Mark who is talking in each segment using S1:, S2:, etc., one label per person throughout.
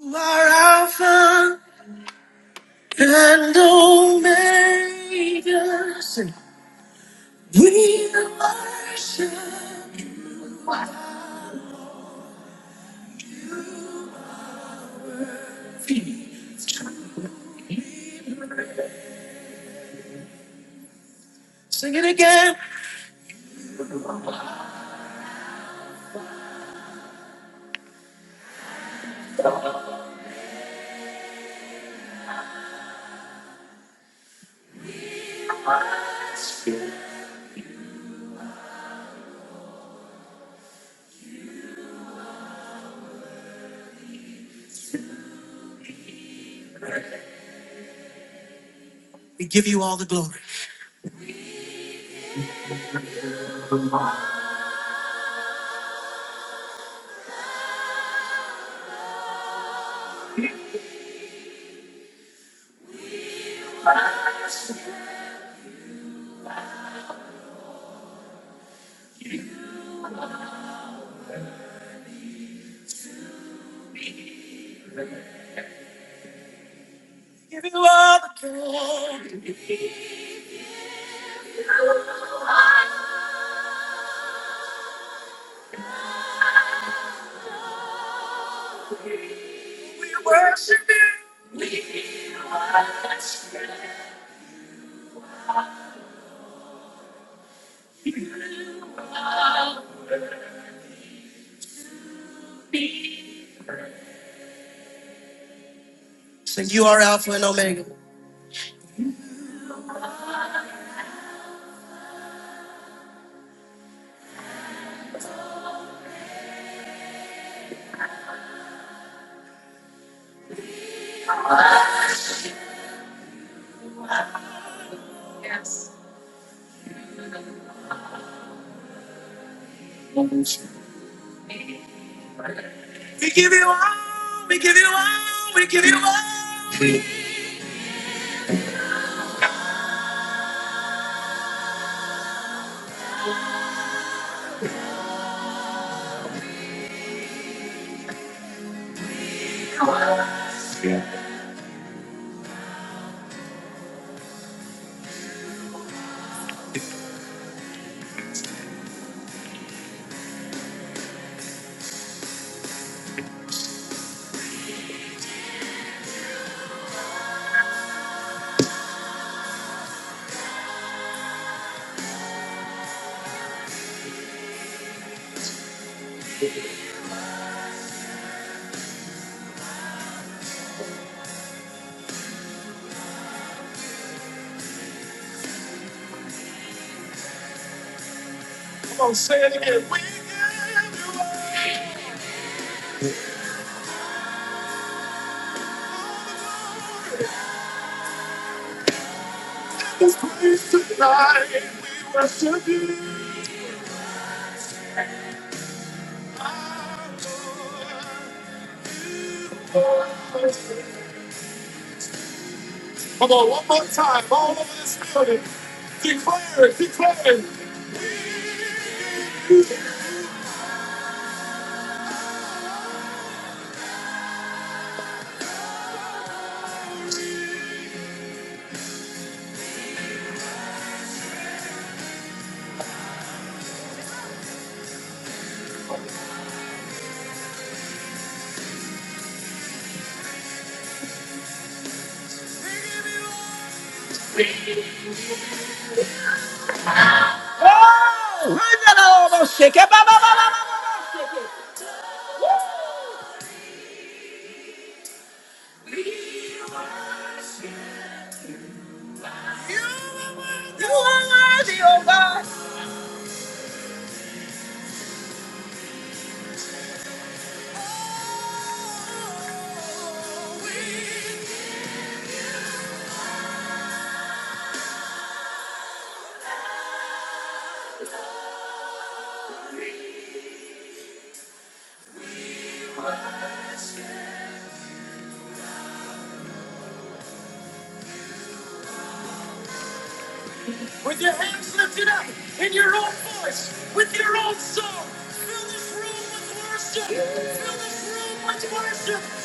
S1: You are Alpha and Omega. Say, We worship you. Alpha." Sing it again. We give you all the glory. We give you all the glory. We worship you. Sing, you are Alpha and Omega. We give you all. We give you all. We give you all. We- Come on, say it again. We give Oh, I almost shake it, ba, ba, ba, ba, ba, ba, ba, shake it. You are worthy, oh God. It up in your own voice, with your own song. Just worship.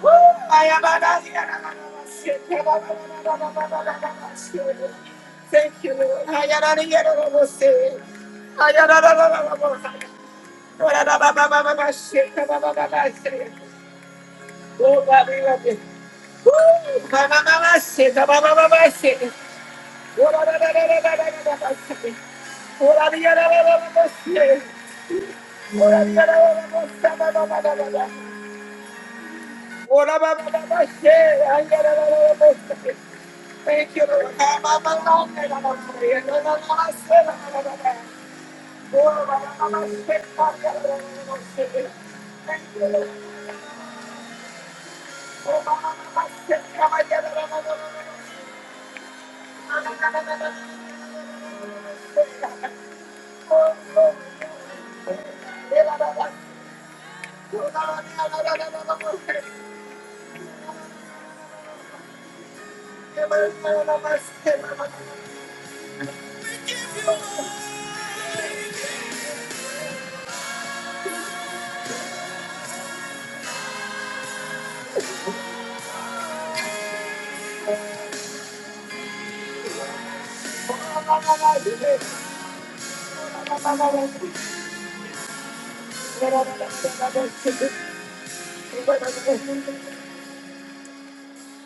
S1: Thank you, Lord. Oh, God, we love you. Woo! Thank you, Lord. Thank you, Lord.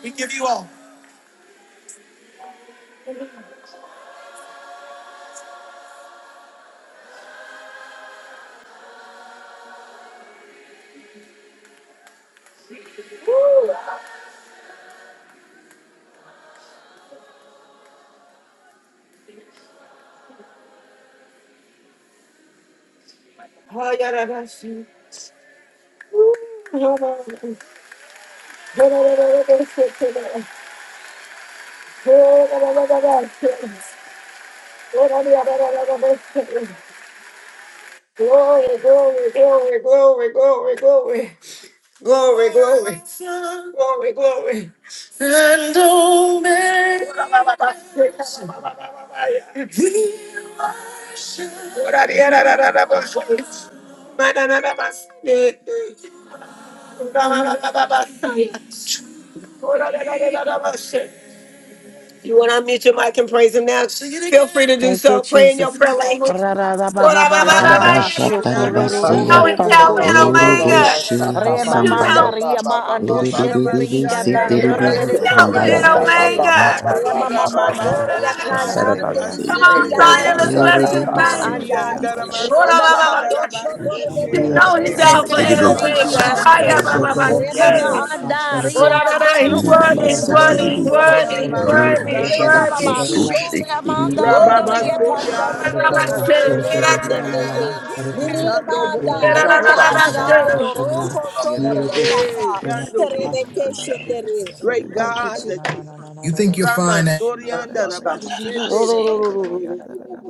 S1: We give you all. Woo. Oh, yeah, Glory, glory, glory, glory, glory, glory. Glory, glory. Glory, glory. And omega. You want to unmute your mic and praise him now? Feel free to do
S2: Thank you,
S1: so. Pray in your
S2: Jesus.
S1: prayer language.
S2: Ra ra ra ba ba ba ba ba
S1: Alpha
S3: Yandara
S2: ba
S3: masori
S2: shokoro
S3: yandara
S2: ro
S4: Rabashatarabaseya,
S3: base
S5: Ashakanda la
S1: And
S5: la
S3: terobo
S5: la la
S3: sori
S2: e
S1: Omega.
S5: la
S3: yandara
S4: Oroboshe
S2: re
S5: shakaba
S2: ma
S3: mase
S4: Hasambaya,
S2: manda
S1: No.
S5: yeke ba
S2: ri
S5: ba
S2: ma
S5: ba ba
S2: ando
S5: ba
S3: yandara
S2: shete
S4: Erebebebebe
S2: ri
S6: Share
S3: mashanda
S2: kata
S6: bebe
S4: Seterebi
S2: ndore
S6: ya
S2: re re
S3: rabakori
S5: eke
S2: ke
S5: ba
S6: soko
S2: ye
S1: Alpha
S3: yandara
S2: te
S1: and
S2: te
S5: shaka
S6: yerere
S4: Hasambaya,
S5: ba
S2: e
S5: ba
S3: base
S5: ba
S6: beyanda
S1: Omega.
S5: ba
S2: re
S5: ba
S2: ma
S6: rabaya.
S2: ma
S5: ba ba
S3: rababa
S5: ba
S2: mandori
S5: ba
S2: ya
S3: sori
S2: ka
S5: shaka
S2: ya
S6: Yerere
S3: yandara
S2: ande
S6: beya
S2: di di
S4: Rabashatarabase,
S1: Come
S2: di
S6: siki
S2: ki
S1: on,
S3: bashende
S5: eke
S2: ya
S6: yarara
S1: Zion,
S5: ba
S1: let's
S2: so
S6: baya
S3: rabase
S1: bless
S5: shaka
S1: his
S2: re
S6: soto
S5: ba
S4: Erebebe
S2: ma
S5: ba ba
S6: yerere
S1: name.
S4: Sete
S2: anda
S6: beyanda
S3: yandara
S5: ba ba
S2: re
S6: rabaya.
S2: ba
S3: masori
S2: ba
S5: ba
S2: ba do
S3: yandara
S2: shoto
S3: base
S2: re ke
S6: So
S1: You
S3: te
S4: Hashambaya
S7: Yeah,
S2: ke
S1: know
S5: ba
S2: ye
S1: he's
S2: te
S5: eke
S2: te
S1: Alpha
S2: re
S5: ba
S1: and
S2: ya
S4: Rabaseterebe,
S3: yandara
S2: ri
S5: shaka
S2: ki
S5: ba
S1: Omega.
S5: ba
S3: mashanda
S1: Hiya,
S2: ya
S1: ba,
S5: ba
S1: ba, ba,
S4: Arababa
S3: rabakori
S2: Remama
S1: yeah.
S4: Shamba,
S3: yandara
S6: Shiyalalabayasikiyalalalabayasokoye. Thank you,
S2: anda
S1: He's
S3: bashande
S6: Jesus. so So
S2: ria
S6: So
S1: worthy,
S2: dororo
S1: he's
S2: kodo
S4: Arababa
S1: worthy, he's
S3: yandara
S2: sotoro
S1: worthy,
S4: Seterebe,
S3: masori
S2: kosete
S6: Shiyalalabayasokoye,
S1: he's
S3: yama
S2: e.
S1: worthy, he's
S4: Rebasho
S3: masanda
S2: Remama
S1: worthy.
S6: lelebeyandalalabaya.
S4: Huso
S2: basho remanda
S4: Sheterebe,
S3: rababa
S2: andoria
S3: sori
S2: kanda
S6: Yalalabayando,
S3: yandara
S2: dererere
S3: base
S1: Woo!
S2: kegesete e.
S6: yelelebeyasikiyalalabayasotoye,
S3: Ikando
S2: Remanda
S5: asha
S3: boshoto
S6: lelebeyandalalabaya.
S2: hikari
S5: shaka
S3: riandara masia.
S2: andoroko
S4: Rabashatarabase,
S2: sore
S3: Hey,
S2: paka.
S6: Shiyalalabayasokoye,
S3: yando
S8: Shit,
S2: Rebeke
S3: bosanda.
S4: Oroboshe
S6: lelebeyandalalabaya.
S2: shetere.
S6: Shiyalalabayasokoye,
S3: Great
S2: Thank
S4: Hasambaya,
S2: you,
S3: God
S5: asha
S3: that
S2: Jesus.
S3: you
S6: lelebeyandalalabaya.
S3: are.
S1: You think you're
S3: Rama
S1: fine at
S3: sorianda
S5: shaka
S2: Thank you, Jesus.
S3: rabashende
S6: Shiyalalabayasokoye,
S3: rebako.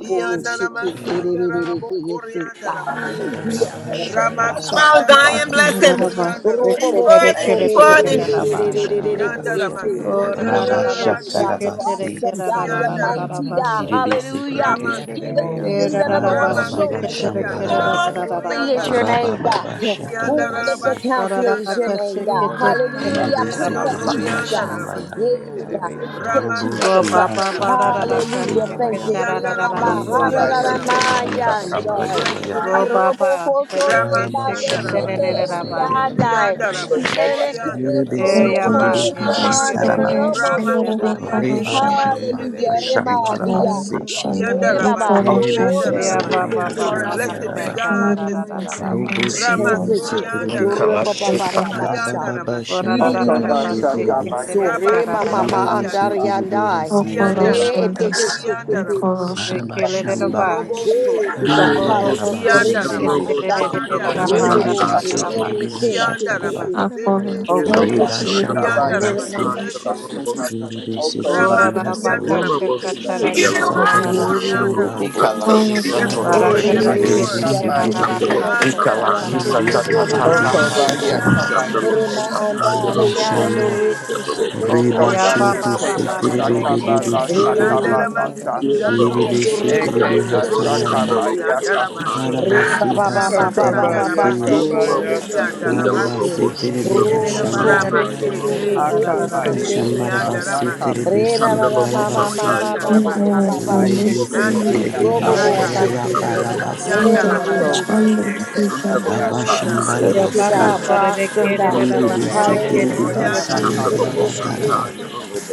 S3: Ianda ramasanda
S4: Rabasatarabase.
S3: rabokorianda rabash.
S6: Yerere ve
S4: Rabba
S6: yandan
S5: asha shaka
S6: arabaya
S3: Rama
S4: shamba
S1: Come
S5: ba ba
S1: on,
S3: sanda
S6: soku
S5: ba
S1: Zion,
S4: sataraba
S6: yerere
S1: bless
S6: ve
S1: him.
S3: ramasoto
S9: Rabba.
S6: yandan
S3: rianda
S6: arabaya
S1: He's
S3: rabash.
S6: sata.
S1: worthy.
S5: thank
S1: He's
S5: you
S4: ribisi
S5: Lord
S1: worthy.
S4: teribi
S6: Şiyer
S4: shamba
S6: arabaya
S4: ya
S3: Yanda
S6: soku
S9: Oh,
S6: yerere ve
S3: ramasorianda
S4: raba
S6: yandan
S2: Word,
S6: arabaya
S9: rababashe,
S3: rabash.
S2: God,
S6: yandan
S4: shataraba
S2: you're
S9: ketere,
S4: si
S6: arabaya
S2: awesome,
S9: kera,
S2: God,
S6: sandan
S2: you're
S3: Ianda
S2: mighty,
S6: arabaya.
S3: rabash.
S2: God.
S9: rababashe.
S4: ribisi
S2: Hallelujah.
S4: teribi
S3: Rama
S6: Ye de de
S2: King
S6: be
S2: of
S3: sanda.
S5: oh
S9: Eh,
S6: yandan
S2: kings
S5: yes
S2: and the
S6: arabaya
S2: Lord
S4: araba
S2: of
S3: Rama
S9: rababashe,
S6: soko
S4: baba
S3: sete
S2: lords.
S6: ye
S9: ketere,
S6: de de
S4: shamba
S3: yanda
S6: be
S9: kera,
S4: Rabba,
S1: Oh,
S6: yandan
S2: Holy
S6: arabaya
S2: is
S3: rabasorianda
S9: rababashe.
S2: your
S3: rabash.
S6: sata.
S4: raba
S2: name,
S4: baba
S2: God.
S3: Ianda
S4: shataraba
S6: Hallelujah
S4: si
S2: Wonderful counselor is
S6: Jesus.
S3: rabasorianda
S2: your name,
S9: Rababashe,
S3: rabash.
S2: God.
S6: Roba
S8: Thank
S9: ketere,
S5: Lord okay ba
S9: kera,
S6: bakaya
S2: Hallelujah.
S6: de
S5: ba
S6: de
S5: ba
S4: ribisi
S2: Prince
S6: be
S2: of
S6: yandan
S4: teribi
S9: rababashe.
S4: ya
S2: peace,
S3: Resotorianda
S6: arabaya
S2: God.
S4: shamba
S3: Rabas,
S4: ya
S6: sata
S2: Yeah,
S5: ba.
S6: ye de de
S5: eke
S2: God.
S6: be
S5: shake ba
S6: yandan
S2: Thank you,
S4: robo
S6: arabaya
S5: shaka
S6: so.
S4: shi
S2: Jesus.
S5: ba
S3: Ramasorianda
S5: yeke
S3: Rabash,
S5: ba
S4: hasataraba
S6: Şiyala
S4: si
S2: Hallelujah.
S6: arabaya
S2: Thank you. Reba,
S3: Ianda
S6: arabaya
S5: oko
S6: sıç
S5: ba
S6: ye
S3: Ramasorianda
S4: ribisi
S6: de de
S3: Rabas,
S6: be
S5: yeke ba
S4: teribi
S6: yandan
S5: shaka
S6: arabaya
S3: O
S5: ba.
S4: ya
S2: Remamaharararamayandai.
S6: sandan
S3: bless
S4: ya
S3: your
S6: arabaya
S3: name,
S6: so.
S9: Robaba,
S3: Rama
S9: bereke
S4: araba
S3: Ramasanda
S6: Ora baba
S4: shamba
S2: Irobokosorebadeshete
S3: Rabas,
S4: raba
S6: kanda
S4: si
S6: ye
S9: sheketerereraba.
S6: de
S4: te
S6: de be
S2: eriandai.
S6: yandan
S3: Ianda
S6: arabaya
S5: Okoba
S6: sata ye
S3: Rabasorianda,
S6: de de be
S4: ribisi
S3: you're
S4: teribi
S9: Eyaba,
S5: Yakaba
S3: worthy,
S6: arabaya.
S3: you're worthy,
S4: hasataraba
S9: yeshekelebe,
S6: Şiyer
S2: Yerekeresorekoriamandoreomodosi.
S9: derereba,
S6: arabaya
S3: Ramasorianda
S9: daraba.
S4: Reba
S6: soto yer
S4: Shamba
S3: Rabashende
S6: araba
S2: Hallelujah.
S3: Rabas,
S6: yandar
S2: Rema
S4: Hashamba
S6: araba
S5: Yakaba
S2: ya.
S6: yandar
S4: Rabasi
S6: araba
S5: Shakama.
S3: Ianda
S6: yando.
S2: Reba,
S4: Erebe
S3: Rabakorianda
S2: Remahia.
S6: Şiyer
S9: Eyaba,
S4: Sitiribi
S6: araba
S3: Rabas,
S9: ba,
S1: you
S9: ba,
S6: yandar
S1: are
S9: ba,
S4: Hashamba
S6: araba
S1: Alpha and
S3: blessed be
S4: Yaraba
S1: Omega.
S6: yasata
S2: Rebaba.
S6: yer
S3: God
S6: araba
S3: this
S6: yandar
S3: morning,
S9: shatararararaba.
S6: araba
S4: Robushi
S3: Rama
S2: Thank you,
S6: yasoko yer
S2: Jesus.
S3: Ramasorianda
S6: araba
S4: Sitiribi
S2: Ore
S6: yandar
S2: ba
S3: Rabash,
S2: ba
S6: araba
S2: ba
S10: Ikalashisa
S2: ba
S6: yas.
S2: ba
S4: Araba
S2: sha.
S3: Ianda
S4: Baba
S3: rama
S9: Ora ra
S2: Yidi
S4: Shamba
S9: ra
S2: di
S3: Sete
S6: Şiyer
S9: ra
S2: di
S4: Raba
S9: ra
S6: araba
S3: Yaba,
S9: ba
S2: di ki
S9: se
S6: yandar
S10: totoda
S4: Shitiribi
S9: ke
S2: yan
S10: de
S6: araba
S9: te
S2: so.
S9: re kia
S2: Re
S6: yasoko
S9: ra
S2: ma
S9: ra
S2: ma
S6: yer
S9: ra ra
S2: ma
S9: ra
S3: Rabaseke
S6: araba
S4: Yuribi
S9: ba
S2: andar
S3: yande.
S6: yandar araba
S4: Sitiribi
S2: yandai.
S4: Hasan
S6: yasata yer
S8: you.
S3: Ianda
S4: Yaraba
S6: araba
S2: Re
S3: raba, Iandaraba
S2: ete
S6: yandar
S2: he
S6: araba
S2: shi
S8: Yeah,
S2: ti
S6: yas
S2: ti
S10: de de
S2: di
S3: Soriandarabako.
S10: si.
S2: di
S9: se
S2: di
S4: Araba
S9: ke
S2: di
S9: le
S2: di
S9: re
S6: da da
S9: ra
S2: di.
S6: dalavayan
S4: Shamba
S9: ba
S3: Robo
S6: do do
S10: Ikalashisa
S2: Glory to
S9: o
S2: God.
S3: Sorianda.
S9: bo
S11: Yellow,
S4: Hashamba
S9: bo bo
S4: Yaraba
S2: Hallelujah.
S9: ko
S2: Re
S9: se
S2: ma
S9: ke
S2: ma
S3: Iandaraba
S4: Sitiribi
S9: te re re re
S2: anda.
S9: re re ra
S3: Shatariandaraba.
S9: ba
S6: Yalalavayandaravayandodoravayasiçyerereveyandararavayasa.
S2: Robo
S9: da
S2: bo
S9: ra
S4: Erebe
S9: ra
S2: shi.
S9: ra ra ba darararaba
S2: Ere
S6: Glory.
S4: Sitiribi
S2: ke si ti
S3: raba,
S4: Hashataraba
S2: e.
S3: Sete. ya.
S2: Thank you,
S4: Reba
S2: Jesus.
S4: Shamba
S3: Ianda
S2: Ore ra
S3: raba,
S2: ma
S4: Rabasi
S2: ma ma ma
S3: Sete.
S2: si. ti.
S4: Yuribi
S6: Şiyereravayasatyereravayandaravayasokuyerereveyandaravaya.
S4: Sitiribi
S9: oraraba
S4: Hasaya
S9: kaşa
S3: Ramasiandarabako.
S1: We
S9: katara
S1: give
S2: Father,
S1: you
S2: you do
S1: all
S2: do do
S9: kerarara
S4: Hasataraba
S2: do do do
S4: Shamba
S2: do
S3: Oriandarabash.
S2: say.
S3: Yes,
S2: Ere
S3: Lord.
S2: Re re
S4: Arabashi
S9: barakara
S3: Yes,
S5: I
S2: re
S5: shall
S2: re
S4: Erebe
S9: kere
S3: Lord.
S2: ki
S5: come
S2: am
S5: by
S6: Yararavayasaçyerereveyandararavayandararavayasatyreravayandaravaya.
S2: se ki
S4: Sitiribi
S5: you.
S9: kerararaba
S2: yara
S6: da
S2: ana ka
S3: Handaraba.
S2: yam to
S10: ta
S2: to to
S10: ta
S2: ro
S9: şakatarararaba
S10: ta ta ta. Ikalashisa ta ta ta
S2: ro
S10: ta
S2: ko to
S5: Okobaya
S2: to.
S4: Niribisitiribishataraba.
S5: kabaya
S3: Ramasoriandaraba.
S2: Ere ma
S5: keba
S2: anda
S5: saka
S2: ria
S5: masha.
S2: ando
S4: Arabashamba
S2: re
S3: Hey.
S2: ke se
S6: Yerereveyasaçyerereveyandararavayandararavayandararavaya.
S2: te e.
S4: Reba
S9: aya ba
S2: Mm.
S5: Okobaya
S4: Shohu
S9: ba ba
S3: Oriandarabash.
S5: keba
S9: ba ra
S4: Siteribe
S9: darare
S10: de
S5: saka
S4: Bibi
S10: de
S6: Şiyerereveyasa,
S2: re Re Re
S5: balata
S10: si.
S2: re
S9: kererereraba
S2: re
S4: Siteribe
S2: Re Re
S3: Yandarama
S5: kabalata.
S10: Because
S6: çiyerereveyandararavaya,
S10: she's a
S3: Sikando
S4: Iribe
S10: talk talk
S3: Bosho.
S10: talk like
S4: Siteribe
S10: it
S5: Ekeba
S2: se se se
S10: is.
S3: Robo
S10: She's
S5: saka
S4: Hasayaraba
S2: se se
S10: a
S6: sokuyerereveyandaravayasa.
S2: se. se ko
S10: like
S2: ko
S10: a
S5: bayaka.
S2: ko ma
S10: total
S3: Soriandarabake.
S2: ma anda te te te te e. e
S10: of
S2: e.
S10: the
S2: e e
S6: Şiye,
S2: ba
S4: Arabasi
S2: ba ba
S10: BBC.
S2: ba
S3: Rama
S2: ba ba ba ba
S5: Okobaya
S10: And
S4: Hasatarabasiya
S2: so
S3: Sandarabake,
S2: to
S10: she's a
S5: kabaya
S2: ri
S10: talk
S2: ya
S10: talk
S2: e
S11: Shandalobosataya,
S5: kawa.
S10: like it
S2: de
S10: is.
S2: se.
S8: Yeah,
S4: Arabasi
S3: Iandarabashoto,
S4: Teribe
S10: Coco
S2: Ro
S9: kererere
S2: ro
S10: Colashi.
S4: Hashamba
S2: ko
S9: bandare
S3: Rama
S2: ko so to
S9: kerere
S2: re
S3: Seteye,
S2: ke e
S9: kararararaba ra
S2: se
S9: ba ba ba ba da re ke re re ra ra ra ra ra
S10: She's
S9: ba
S5: Akabaya
S2: te
S10: a
S2: e
S5: keba
S10: holiday.
S2: se.
S4: Hashambarabasi
S3: Beshiandaramaki,
S4: Teribe
S2: Re
S10: Coco
S5: yakamase.
S2: na na
S4: Si
S2: na
S10: Colashi.
S2: ma ma ma
S4: Arabasi
S2: ma ba ba ba ba
S3: Oyandarabahaya,
S2: ma
S10: Coco
S5: Ochokobaya
S10: She's a
S4: Urubusi
S10: talk
S5: keba
S3: Mandebo
S10: talk
S4: Teribe
S10: like
S9: re
S10: it
S9: ra
S2: Robobo
S10: is.
S9: ra ba
S5: yakamase.
S3: Shataraba,
S4: Hashayaya
S2: shiki.
S9: se re ra ra ba
S4: Barabasa
S9: da ra ra
S10: Coco
S9: ra ba
S3: Yandarabase,
S10: Colashi.
S5: Okobaya
S2: You
S5: keba yakama.
S9: Yo
S10: Because
S2: worthy
S10: she's
S4: Rabashambarabasi
S10: a
S2: God.
S9: baba
S10: talk
S2: You're
S9: bara
S10: talk
S9: de
S10: like
S3: Oyabasikandarabako,
S10: it
S2: awesome
S9: kere de
S2: God.
S10: is.
S9: da ba
S4: Iribe
S9: da de
S5: Okobaya
S3: Romo
S9: kere
S2: Hallelujah.
S10: Coco
S4: Siteribe
S9: de
S5: keba
S9: de
S2: King
S9: da
S2: of
S10: Colashi.
S9: ba.
S10: She's
S2: kings
S10: a
S3: Soriandarabach,
S10: talk
S2: and
S4: Hashayaya
S2: the
S10: talk
S2: Lord
S10: like
S5: yakamase.
S2: of
S10: it is.
S4: barabasa.
S2: lords.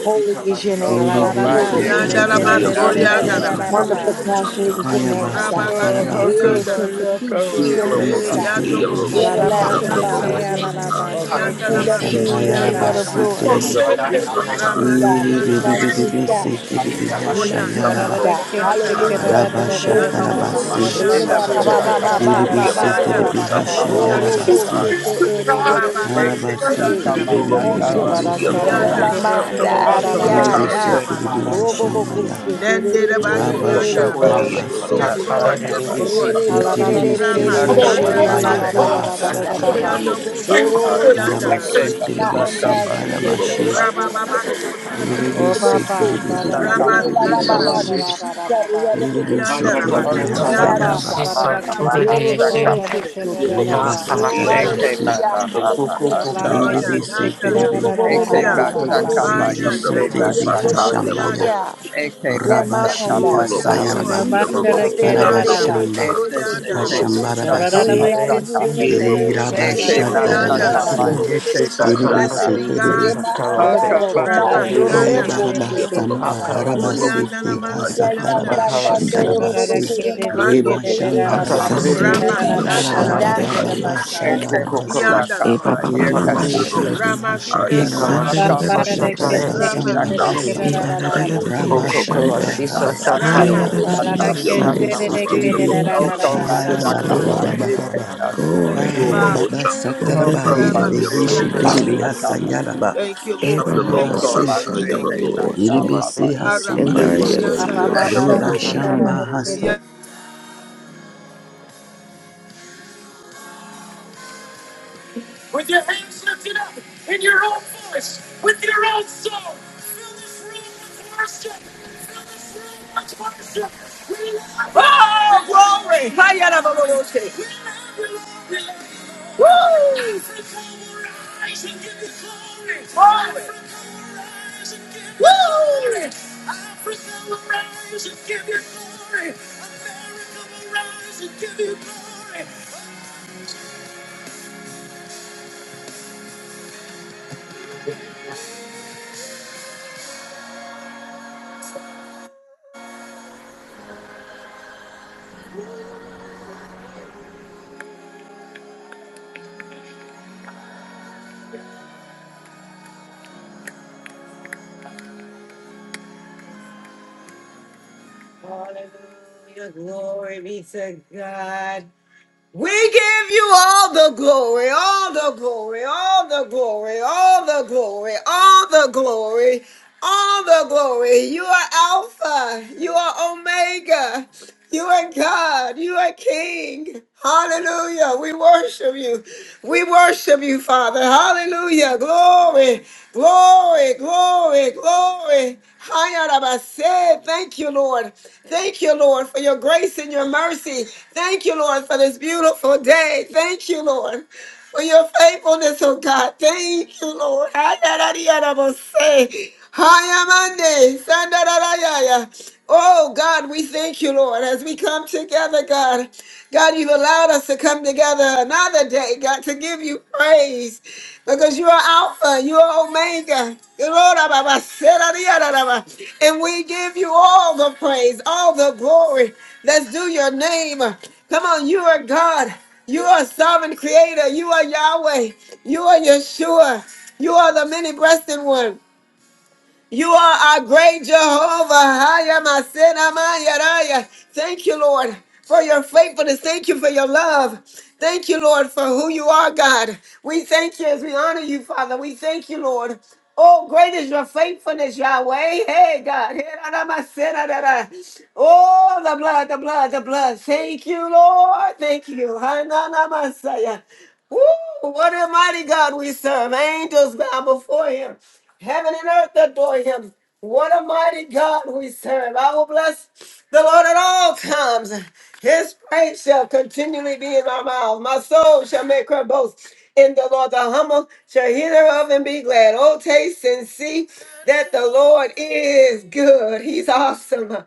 S2: Holy is
S10: Because
S2: your
S10: she's a
S2: name,
S10: talk
S2: God.
S10: talk like it
S9: Alaraba
S5: Okobaya
S10: is.
S4: Orobosi
S9: de
S2: Mm.
S10: She's
S9: de
S4: terebe
S10: a
S5: keba
S3: Yandarama
S9: kere de de de
S4: hisi
S9: de de da
S4: terebe.
S9: da
S3: Soriandarabase,
S5: yakamase.
S9: da
S2: Wonderful
S9: ba.
S2: counselor is your
S10: talk
S2: name,
S4: Ayabasa
S2: God.
S3: Rababa
S5: Oh,
S10: talk
S5: how
S10: like it
S2: Yeah,
S5: come
S4: tarabasi.
S5: I
S10: is.
S2: Prince of
S3: Soriandarabash,
S5: not come
S2: Peace is
S5: on?
S2: your
S3: He
S2: name,
S10: Oh,
S4: Hisi
S2: God.
S6: Şiyararabayandan
S4: terebe
S10: Coca-Cola,
S3: Yandobo
S4: hasa
S8: Shit,
S6: arabayandan
S9: Alaraba
S2: Everlasting
S4: tarabasa.
S2: Father
S6: erebeya
S3: Shodoriandarama,
S9: seke
S2: is your name, God.
S9: alaraba
S5: How come
S6: satıyerebeyandan
S5: I
S2: King
S9: seke
S3: Yandarama
S2: of
S9: de
S5: get
S6: arabaya.
S9: de
S5: that?
S2: kings
S9: kere
S2: and the
S9: da da
S2: Lord
S9: da
S2: of
S4: Asambayarabasi
S9: ba.
S5: How come
S2: lords.
S4: terebe.
S3: Soriandarabake,
S11: Shandalobo
S2: You're
S6: Şiyerebeya
S2: holy,
S11: Satire,
S2: God.
S4: Iri
S2: You're
S3: Ramasiana
S4: bebe bebe
S2: righteous,
S6: çiyerebeyandan
S3: Ramasi,
S2: God.
S4: bese
S5: I get
S6: arabaya
S5: that?
S4: terebe
S2: You're my
S3: Oyanda
S9: Rora
S2: peace,
S4: hashayaraba.
S9: de
S6: sokuyerabayandan
S11: Sandra
S9: de
S2: God.
S9: ke
S3: Rabashanda
S6: arabayandan.
S9: seke
S11: Satire,
S3: Rabas,
S9: da
S2: Hallelujah.
S9: da da da
S2: Thank
S4: Rabasha
S2: you,
S9: da da da da
S3: Iandobo
S2: Jesus.
S9: ba da
S4: tarabasi.
S9: da da
S10: she's
S3: Sorianda
S5: Ela
S9: ba
S6: Yerebeyandan
S2: Reba ba ba
S3: Ramaki,
S6: arabaya
S2: ba
S9: kusha
S5: basaka
S11: Rolobos,
S2: ba
S9: ta
S5: ba
S9: ta
S4: Iri
S2: ba
S9: da
S2: ba
S9: da
S5: na
S9: da
S2: ba
S5: na
S4: bese
S9: da
S6: satıyerebaya
S9: da
S3: Ianda
S11: Yellow,
S9: da
S2: so.
S4: terebe
S9: da da
S11: Sandra
S5: na na
S3: Ramake
S5: na na na
S9: ba
S5: na
S2: Ro
S5: na
S9: sha.
S2: ro
S3: Shande
S5: na
S2: ko
S6: sokuyerebeyandan
S4: hashayarabasi.
S2: che
S11: Satire,
S3: Rabas,
S2: te
S6: arabaya.
S2: e re re re re re
S3: Rababa
S2: re re
S5: Eke
S2: re
S4: Arabasi
S2: re.
S3: Sorianda
S5: saka ba
S4: terebe
S3: Rabas,
S5: na
S4: bebe
S11: Rolobos,
S2: Thank
S4: bebe
S6: Şiyerebeyandan
S2: you,
S5: kawa
S9: Rora
S4: bebe
S9: da
S2: Jesus.
S4: se
S6: arabaya
S9: ka
S5: sika.
S11: Yellow,
S9: da
S3: Ianda
S4: terebe.
S9: kere
S3: Ramash,
S11: Sandra
S2: Ramamanda
S9: kere da da
S6: sokuyerebeyandan
S5: Aka
S9: da
S5: ba
S4: Iri
S9: ba.
S4: bese
S11: Satire,
S2: arianda.
S5: sika na
S6: arabayandan.
S4: terebe
S11: Rolobos,
S5: saka
S2: Robo
S3: Oyabasando,
S5: ba
S2: bo
S5: se.
S2: ko
S4: hashambaya.
S2: se te re
S3: Nende
S2: re re
S6: Yalalabayandan
S2: re
S3: Rabaki
S11: Rolobos,
S2: re
S6: arabaya
S2: re
S5: Aka
S4: Rabasha
S3: Anda
S2: re
S5: ba
S3: Rabas.
S2: re
S5: sika
S10: a
S11: Yellow,
S4: tarabasi.
S5: na
S3: Yes,
S2: re.
S6: sokuyerebeyandan
S10: tata,
S3: Lord,
S5: saka
S11: Sandra
S6: arabaya.
S3: yes,
S5: ba se.
S3: Lord.
S10: that
S2: Hallelujah.
S11: Satire,
S9: Alarara de
S4: Sitirbisi
S9: ke
S10: is,
S9: seke
S5: Aka
S9: de
S5: ba
S3: Ramasanda
S6: Şiyerebeya
S9: ka
S4: Hashambaya
S5: sika
S9: da
S10: Thank
S3: Ramaki,
S5: na
S9: da
S10: you.
S9: da da
S6: satıyerebaya
S5: saka
S9: da
S5: ba
S9: da
S4: Rabasataraba
S5: se.
S9: ba.
S11: Sandra
S3: Iandobo
S6: sokuyerebeyandan
S11: Satire,
S3: Shotorianda
S6: arabaya.
S5: Eke
S4: Harabasi
S11: Rolobos, Rolobos,
S5: na
S3: Ramaki
S4: Tiribisi
S5: saka ba
S3: Roboso,
S11: Yellow,
S5: seke
S11: Sandra
S4: Harabashi
S6: Yadadabayando
S5: ba sa.
S3: Rababa
S6: Dadabayasi
S3: Sorianda
S9: Oh
S4: Yiribisi
S6: Chiedadabayasi
S5: Shaka
S9: Baba,
S3: Ramas,
S6: Kiadabaya
S9: Baradaka
S3: Ramasanda
S6: Dadabaya
S4: Tiribibibibibibibibi
S3: Ramas.
S9: Shikadaraba,
S11: Rolobos,
S4: Yiribisi
S3: Yanda
S6: Chiedadabaya
S3: raba
S4: Tiribi
S11: Sandra
S6: Sachiedadabaya
S3: koreanda
S9: Baba,
S4: Hasayaraba
S6: Dadabaya
S3: raba
S9: Baradaka
S3: basikenya de
S11: Yellow, I am
S9: Shikadaraba,
S6: Chiedadabayanda
S11: the
S3: oya
S6: Dadabaya
S3: bas
S4: Hayabasatarabasi
S2: Thank
S6: Sachiedadabayanda
S2: you,
S6: Dadabaya
S9: Alarada
S2: Jesus.
S3: oya
S4: Yiribisi
S3: nana na
S4: Tiribi
S2: Robo bobo boca
S3: masia
S2: se
S6: Yedebayanda
S2: te
S9: Kishikadaraba,
S2: re re re
S6: Dadabaya
S3: haya
S2: re re
S4: Yiribisi
S3: na
S2: re re
S4: Tiribi
S2: re re re
S6: Sokoyedadabayanda
S2: re.
S4: Hashambaya
S3: masotorianda
S2: re.
S6: Dadabaya
S3: raba
S2: Reba
S3: yes
S4: Rabashi
S2: anda
S3: lord
S2: sa,
S3: yes
S4: Hasayaraba
S6: Chiedadabayas
S3: lord
S9: Idamandara
S2: de de
S6: Chiedadabayanda
S2: de de de de
S3: haya
S2: de
S6: Dadabaya
S2: de
S9: Kedaraba,
S4: Harabashamba
S3: basorianda raba
S2: ksepte,
S6: Sachiedadabayanda Dadabaya
S9: Morada
S4: Hashambarabasi
S2: lari de de de
S6: Sachiedadabayanda
S2: de de de de de koyan
S3: yanda
S6: Yadadabayanda
S2: tante
S3: raba
S4: Lirabashatarabasi
S2: de
S9: Kishikadaraba,
S2: de de
S6: Dadabaya
S2: de de de kian.
S4: Yiribisi
S3: blessed be
S4: Tiribi
S3: God
S2: Reba
S3: today
S6: Sokoyedadabayanda
S2: anda,
S9: Robo,
S2: reba
S3: rama
S9: Baradaka
S2: andoroye
S3: sanda raba
S2: kusoto,
S4: Hayabarabasamba
S9: Shikadaraba,
S2: de de de
S3: morianda na
S2: de
S4: harabasete
S2: de de
S12: Thank
S2: kian
S3: masianda na
S6: Yererabayandararabayandorarabayasatayererebayahaya.
S3: mas
S2: tante
S10: Makalasi,
S9: Orada
S4: hasatarabashatarabase
S2: andoroye manse
S3: ikando
S4: reba
S2: ksepte.
S3: bosho
S9: Kedaraba,
S10: Atatariri,
S4: shambarabase
S3: rama
S2: Reba ma
S9: Kedaraba,
S3: sanda raba
S2: anda.
S9: Taraka
S10: Sakalasi,
S4: harababababa
S9: Messiah.
S6: Shiyererebayasikiyererebayandararabayandararabayasokuyererabayandararabaya.
S4: shambarabase
S3: ianda
S10: Okokokalashi,
S3: raba
S4: erebese
S10: Satataririshi,
S4: terebe
S11: Lomos, I
S3: Ramasiana
S9: Ma
S4: hashataraba
S9: ba
S10: Hikalashi,
S3: Ramakura,
S9: ba ra ra ke she ke
S4: hashatarabasamba
S9: te
S11: am
S9: re ke
S10: Satataririshi,
S9: ra
S6: Shiyererebeyasikiyererebayandararabayasokuyererabayandararabaya.
S9: ra
S3: Ramasekeya,
S9: ra
S4: hasamba
S9: ra ra ba.
S11: the
S4: raba
S11: Lomos,
S3: Rabosoria,
S4: shamba
S10: Okokalashi,
S4: rabasataraba
S9: Ba
S3: Ramasik,
S9: la
S11: Kilobosita
S9: ra
S10: Satataririshi,
S9: ke she re
S4: erebese
S9: re
S10: Sakalasi,
S9: ke
S11: Yelobosanda
S9: re
S3: Eh,
S9: ra
S4: terebe
S9: ra
S12: you,
S9: ra ra
S5: Oko
S9: ra ra
S11: Lomosata
S6: Yererebeyandararabayandararabayasokuyererabayandararabayasata.
S9: ra
S3: Yabasoria and
S12: Jesus.
S9: ba.
S11: Yelobosi
S3: Rabash.
S10: Okokokalashi,
S12: Glory,
S4: harabababababa
S12: glory,
S3: Thank you,
S10: Satataririshi,
S12: hey.
S6: Yererabayandararabayasoko-
S3: Father.
S11: Yolobosanda
S12: And
S6: Hey,
S4: harababasataraba
S12: the
S11: Lomosata
S4: herebe
S10: Hikalashi,
S12: Dios,
S5: masake
S12: and
S4: heshe
S3: Ramasiana
S12: the
S5: na
S11: Yelobosi
S4: terebe
S6: glory,
S12: Dios,
S3: Ramakoria.
S10: Satataririshi,
S4: hasayaraba
S6: hallelujah,
S3: Thank you,
S6: Jesus.
S3: Lord.
S12: Eva,
S11: Shanda
S6: Thank
S3: Thank
S12: Baba,
S3: you,
S6: you,
S4: harabase
S11: Lomosata
S3: Lord.
S10: Hikalashi,
S6: Lord.
S12: Shanda,
S3: Thank you, Lord.
S11: Yelobosi
S5: shama
S6: Thank
S10: Satakokokalashi,
S4: Irebesi
S6: you, Lord
S5: masi.
S12: the Dios, and
S4: hasamba ya.
S3: Harabasoria
S9: Ba
S6: Jesus.
S3: and
S9: ba
S11: Yelobosita
S9: ba
S6: Thank
S9: ba
S12: the
S10: Hikalashi,
S3: Ramash.
S9: ra
S6: you,
S9: ra
S4: Reba
S11: Yelobosi
S9: ra
S6: Lord.
S9: ka
S12: Dios,
S9: ra
S4: shamba
S9: ra ke
S4: hasa
S9: re.
S3: Ya-
S10: Satataririshi,
S1: oh, glory. Hiya, da, da, da, da, da. Woo! Glory. Woo! Hallelujah. Glory be to God. We give you all the glory, all the glory, all the glory, all the glory, all the glory, all the glory. You are Alpha, you are Omega, you are God. You are King. Hallelujah. We worship you. We worship you, Father. Hallelujah. Glory, glory, glory, glory. Hayarabase. Thank you, Lord. Thank you, Lord, for your grace and your mercy. Thank you, Lord, for this beautiful day. Thank you, Lord for your faithfulness, oh God. Thank you, Lord. Adarariarabose. Hayamande, Sandarayaya. Oh God, we thank you, Lord, as we come together, God. God, you've allowed us to come together another day, God, to give you praise because you are Alpha, you are Omega. And we give you all the praise, all the glory. Let's do your name. Come on, you are God. You are sovereign creator. You are Yahweh. You are Yeshua. You are the many breasted one. You are our great Jehovah. Haya masena mayaraya. Thank you, Lord, for your faithfulness. Thank you for your love. Thank you, Lord, for who you are, God. We thank you as we honor you, Father. We thank you, Lord. Oh, great is your faithfulness, Yahweh. Hey, God. Hey, da, da, masena, da, da. da. Oh, the blood, the blood, the blood. Thank you, Lord. Thank you. Hanana masaya. Woo, what a mighty God we serve. Angels bow before him. Heaven and earth adore him. What a mighty God we serve. I will bless the Lord at all times. His praise shall continually be in my mouth. My soul shall make her boast in the Lord. The humble shall hear thereof and be glad. Oh, taste and see that the Lord is good. He's awesome.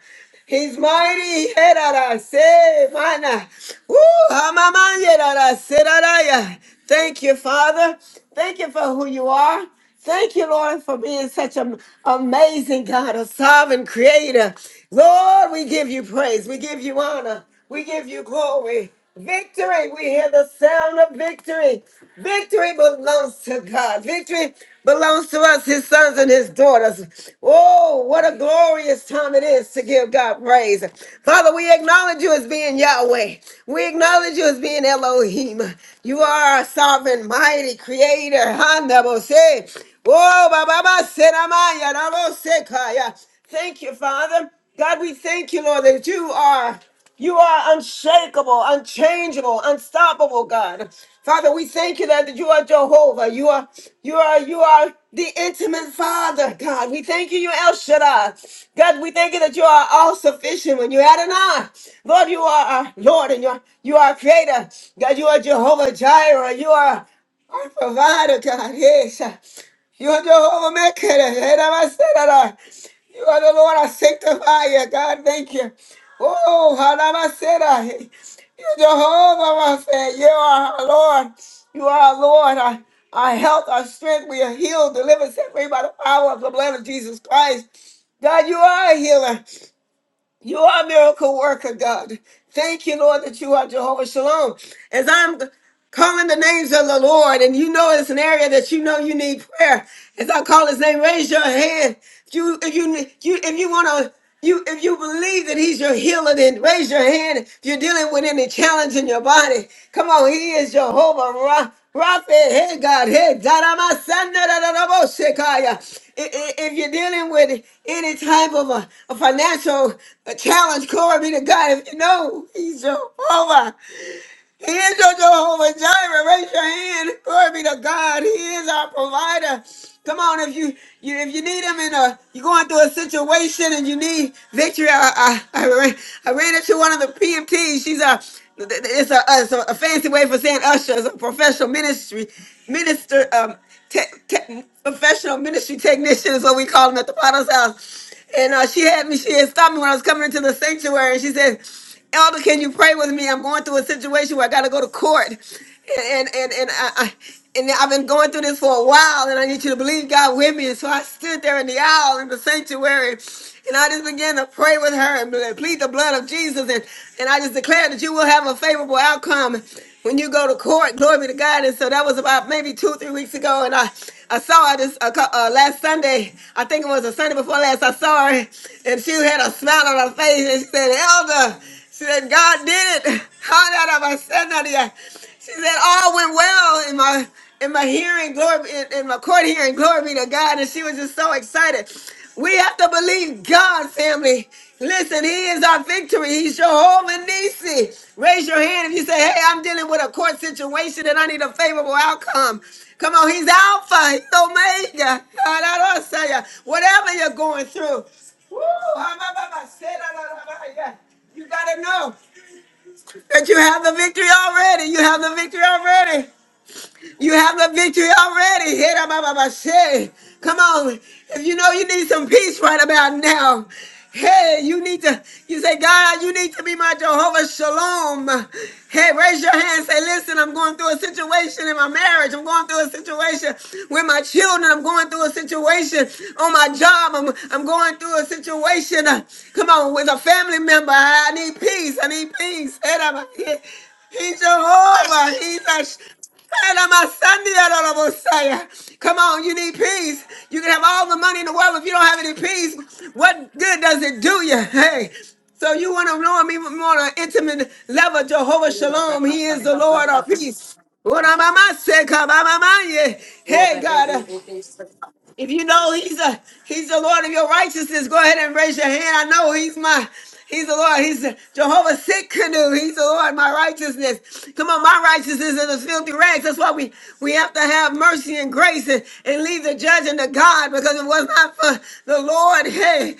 S1: He's mighty. Herarase, mana. Woo, hamamanyerarase, raraya. Thank you, Father. Thank you for who you are. Thank you, Lord, for being such an amazing God, a sovereign creator. Lord, we give you praise. We give you honor. We give you glory. Victory. We hear the sound of victory. Victory belongs to God. Victory belongs to us, his sons and his daughters. Oh, what a a glorious time it is to give God praise. Father, we acknowledge you as being Yahweh. We acknowledge you as being Elohim. You are our sovereign, mighty creator. Hanabose. Oh, Baba Senamaya, Rabose Kaya. Thank you, Father. God, we thank you, Lord, that you are. You are unshakable, unchangeable, unstoppable, God. Father, we thank you that you are Jehovah. You are, you are, you are the intimate Father, God. We thank you, you El Shaddai. God, we thank you that you are all sufficient when you Adonai. Lord, you are our Lord and you are, you are our creator. God, you are Jehovah Jireh. You are our provider, God. Yes. You are Jehovah Mecca. You are the Lord, our sanctifier. God, thank you. Oh, Haramasera. You're Jehovah, my friend. You are our Lord. You are our Lord. Our, our health, our strength. We are healed, delivered, set free by the power of the blood of Jesus Christ. God, you are a healer. You are a miracle worker, God. Thank you, Lord, that you are Jehovah Shalom. As I'm calling the names of the Lord, and you know it's an area that you know you need prayer. As I call His name, raise your hand. If you if you you if you want to. You, if you believe that he's your healer, then raise your hand. If you're dealing with any challenge in your body, come on, he is Jehovah Ra- Rapha. Hey God, hey Daramasandarabashikaya. I- i- If you're dealing with any type of a, a financial uh, challenge, glory be to God. If you know he's Jehovah, he is your Jehovah Jireh. Raise your hand. Glory be to God. He is our provider. Come on, if you, you if you need him in a you're going through a situation and you need victory. I I, I, ran, I ran into one of the PMTs. She's a it's a, it's a, fancy way for saying usher. It's a professional ministry minister um te, te- professional ministry technician is what we call them at the Potter's house. And uh, she had me. She had stopped me when I was coming into the sanctuary. And she said. Elder, can you pray with me? I'm going through a situation where I got to go to court, and and and, I. I and I've been going through this for a while, and I need you to believe God with me. And so I stood there in the aisle in the sanctuary, and I just began to pray with her and ble- plead the blood of Jesus. And, and I just declared that you will have a favorable outcome when you go to court. Glory be to God. And so that was about maybe two, three weeks ago. And I, I saw her this uh, cou- uh, last Sunday. I think it was a Sunday before last. I saw her, and she had a smile on her face, and she said, Elder. She said, God did it. How did I send that yet? She said, all went well in my in my hearing, glory be- in, in my court hearing, glory be to God. And she was just so excited. We have to believe God, family. Listen, He is our victory. He's Jehovah Nisi. Raise your hand if you say, Hey, I'm dealing with a court situation and I need a favorable outcome. Come on, He's Alpha, He's Omega. Whatever you're going through. Woo! You gotta know that you have the victory already. You have the victory already. You have the victory already. Hera ba ba ba she. Come on. If you know you need some peace right about now. Hey, you need to, you say, God, you need to be my Jehovah Shalom. Hey, raise your hand. Say, listen, I'm going through a situation in my marriage. I'm going through a situation with my children. I'm going through a situation on my job. I'm, I'm going through a situation. uh, come on, with a family member. I, I need peace. I need peace. Hey, da ba- He's Jehovah. He's a Tell my Sunday, I don't know say. Come on, you need peace. You can have all the money in the world, but if you don't have any peace, what good does it do you? Hey, so you want to know him even more on an intimate level, Jehovah
S13: Oh,
S1: Shalom. He is the Lord of peace. Hey God, if you know he's a he's the Lord of your righteousness, go ahead and raise your hand. I know he's my he's the Lord. He's Jehovah Sitkanu. He's the Lord, my righteousness. Come on, my righteousness is a filthy rags. That's why we we have to have mercy and grace and, and leave the judging to God because it was not for the Lord. Hey,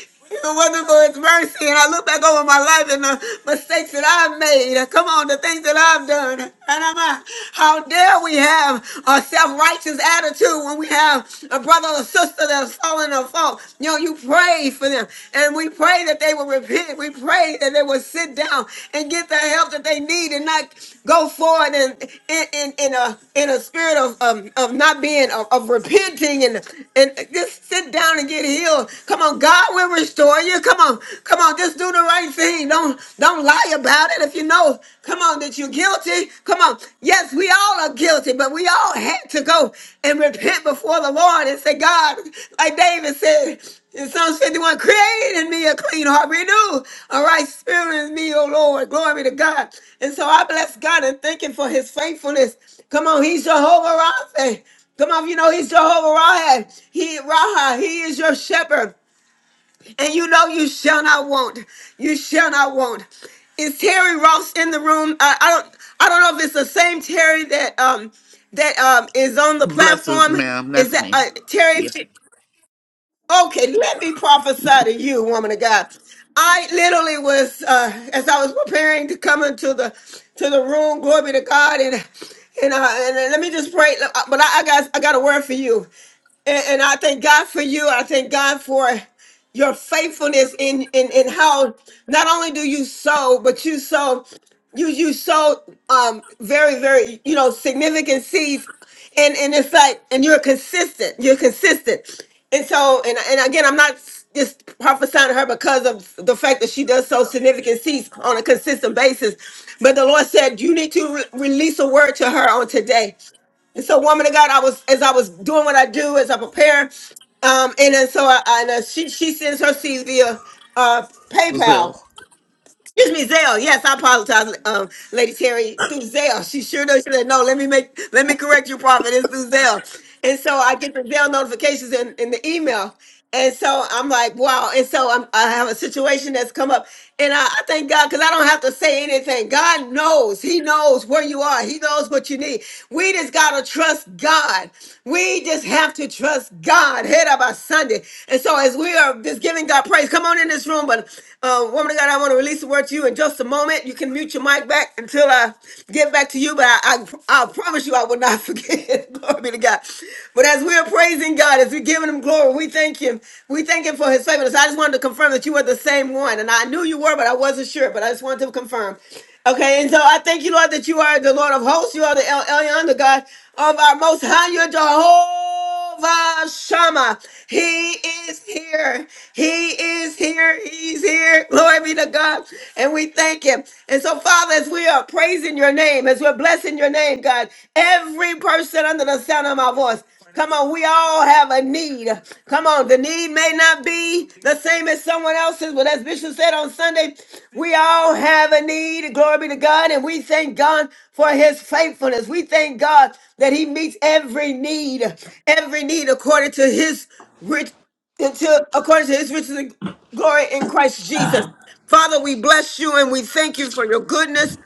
S1: It wasn't for his mercy. And I look back over my life and the mistakes that I've made. Come on, the things that I've done. And I'm uh, how dare we have a self-righteous attitude when we have a brother or sister that's fallen or fault. You know, you pray for them. And we pray that they will repent. We pray that they will sit down and get the help that they need and not go forward in, in, in, in a in a spirit of, of, of not being of, of repenting and and just sit down and get healed. Come on, God. God will restore you. Come on, come on, just do the right thing. Don't don't lie about it. If you know, come on, that you're guilty. Come on. Yes, we all are guilty, but we all had to go and repent before the Lord and say, God, like David said in Psalms 51, create in me a clean heart, renew a right spirit in me, O Lord. Glory to God. And so I bless God and thank him for his faithfulness. Come on, he's Jehovah Rapha. Come on, you know he's Jehovah Raha. He Raha. He is your shepherd and you know you shall not want. You shall not want. Is Terry Ross in the room? I, I don't. I don't know if it's the same Terry that um that um is on the
S11: Blessings,
S1: platform.
S11: ma'am.
S1: Is
S11: That's
S1: that
S11: me.
S1: uh, Terry?
S11: Yeah.
S1: Okay, let me prophesy to you, woman of God. I literally was uh, as I was preparing to come into the to the room. Glory be to God and. And, uh, and uh, let me just pray. But I, I got I got a word for you. And, and I thank God for you. I thank God for your faithfulness in, in in how not only do you sow, but you sow you you sow um very very you know significant seeds, and and it's like and you're consistent. You're consistent, and so and and again, I'm not just prophesying to her because of the fact that she does sow significant seeds on a consistent basis, but the Lord said you need to re- release a word to her on today. And so, woman of God, I was as I was doing what I do, as I prepare, um, and then so I, I and uh, she she sends her CV via uh, PayPal,
S11: Zell.
S1: Excuse me, Zell. Yes, I apologize, um, Lady Terry. Through Zell, she sure knows. She said, "No, let me make, let me correct you, Prophet. It's through Zell." And so I get the Zell notifications in, in the email, and so I'm like, "Wow!" And so I'm, I have a situation that's come up, and I, I thank God because I don't have to say anything. God knows. He knows where you are. He knows what you need. We just gotta trust God. We just have to trust God. Head up our Sunday, and so as we are just giving God praise, come on in this room, but uh, woman of God, I want to release the word to you in just a moment. You can mute your mic back until I get back to you, but I, I, I promise you I will not forget. glory be to God. But as we are praising God, as we're giving him glory, we thank him. We thank him for his faithfulness. I just wanted to confirm that you were the same one. And I knew you were, but I wasn't sure, but I just wanted to confirm. Okay, and so I thank you, Lord, that you are the Lord of hosts. You are the El Elyon, the God of our most high. You're Jehovah. Jehovah Shammah. He is here. He is here. He's here. Glory be to God. And we thank him. And so, Father, as we are praising your name, as we're blessing your name, God, every person under the sound of my voice, come on, we all have a need need. Come on, the need may not be the same as someone else's, but as Bishop said on Sunday, we all have a need. Glory be to God, and we thank God for his faithfulness. We thank God that he meets every need, every need according to his rich until according to his riches Glory in Christ Jesus. Father, we bless you and we thank you for your goodness.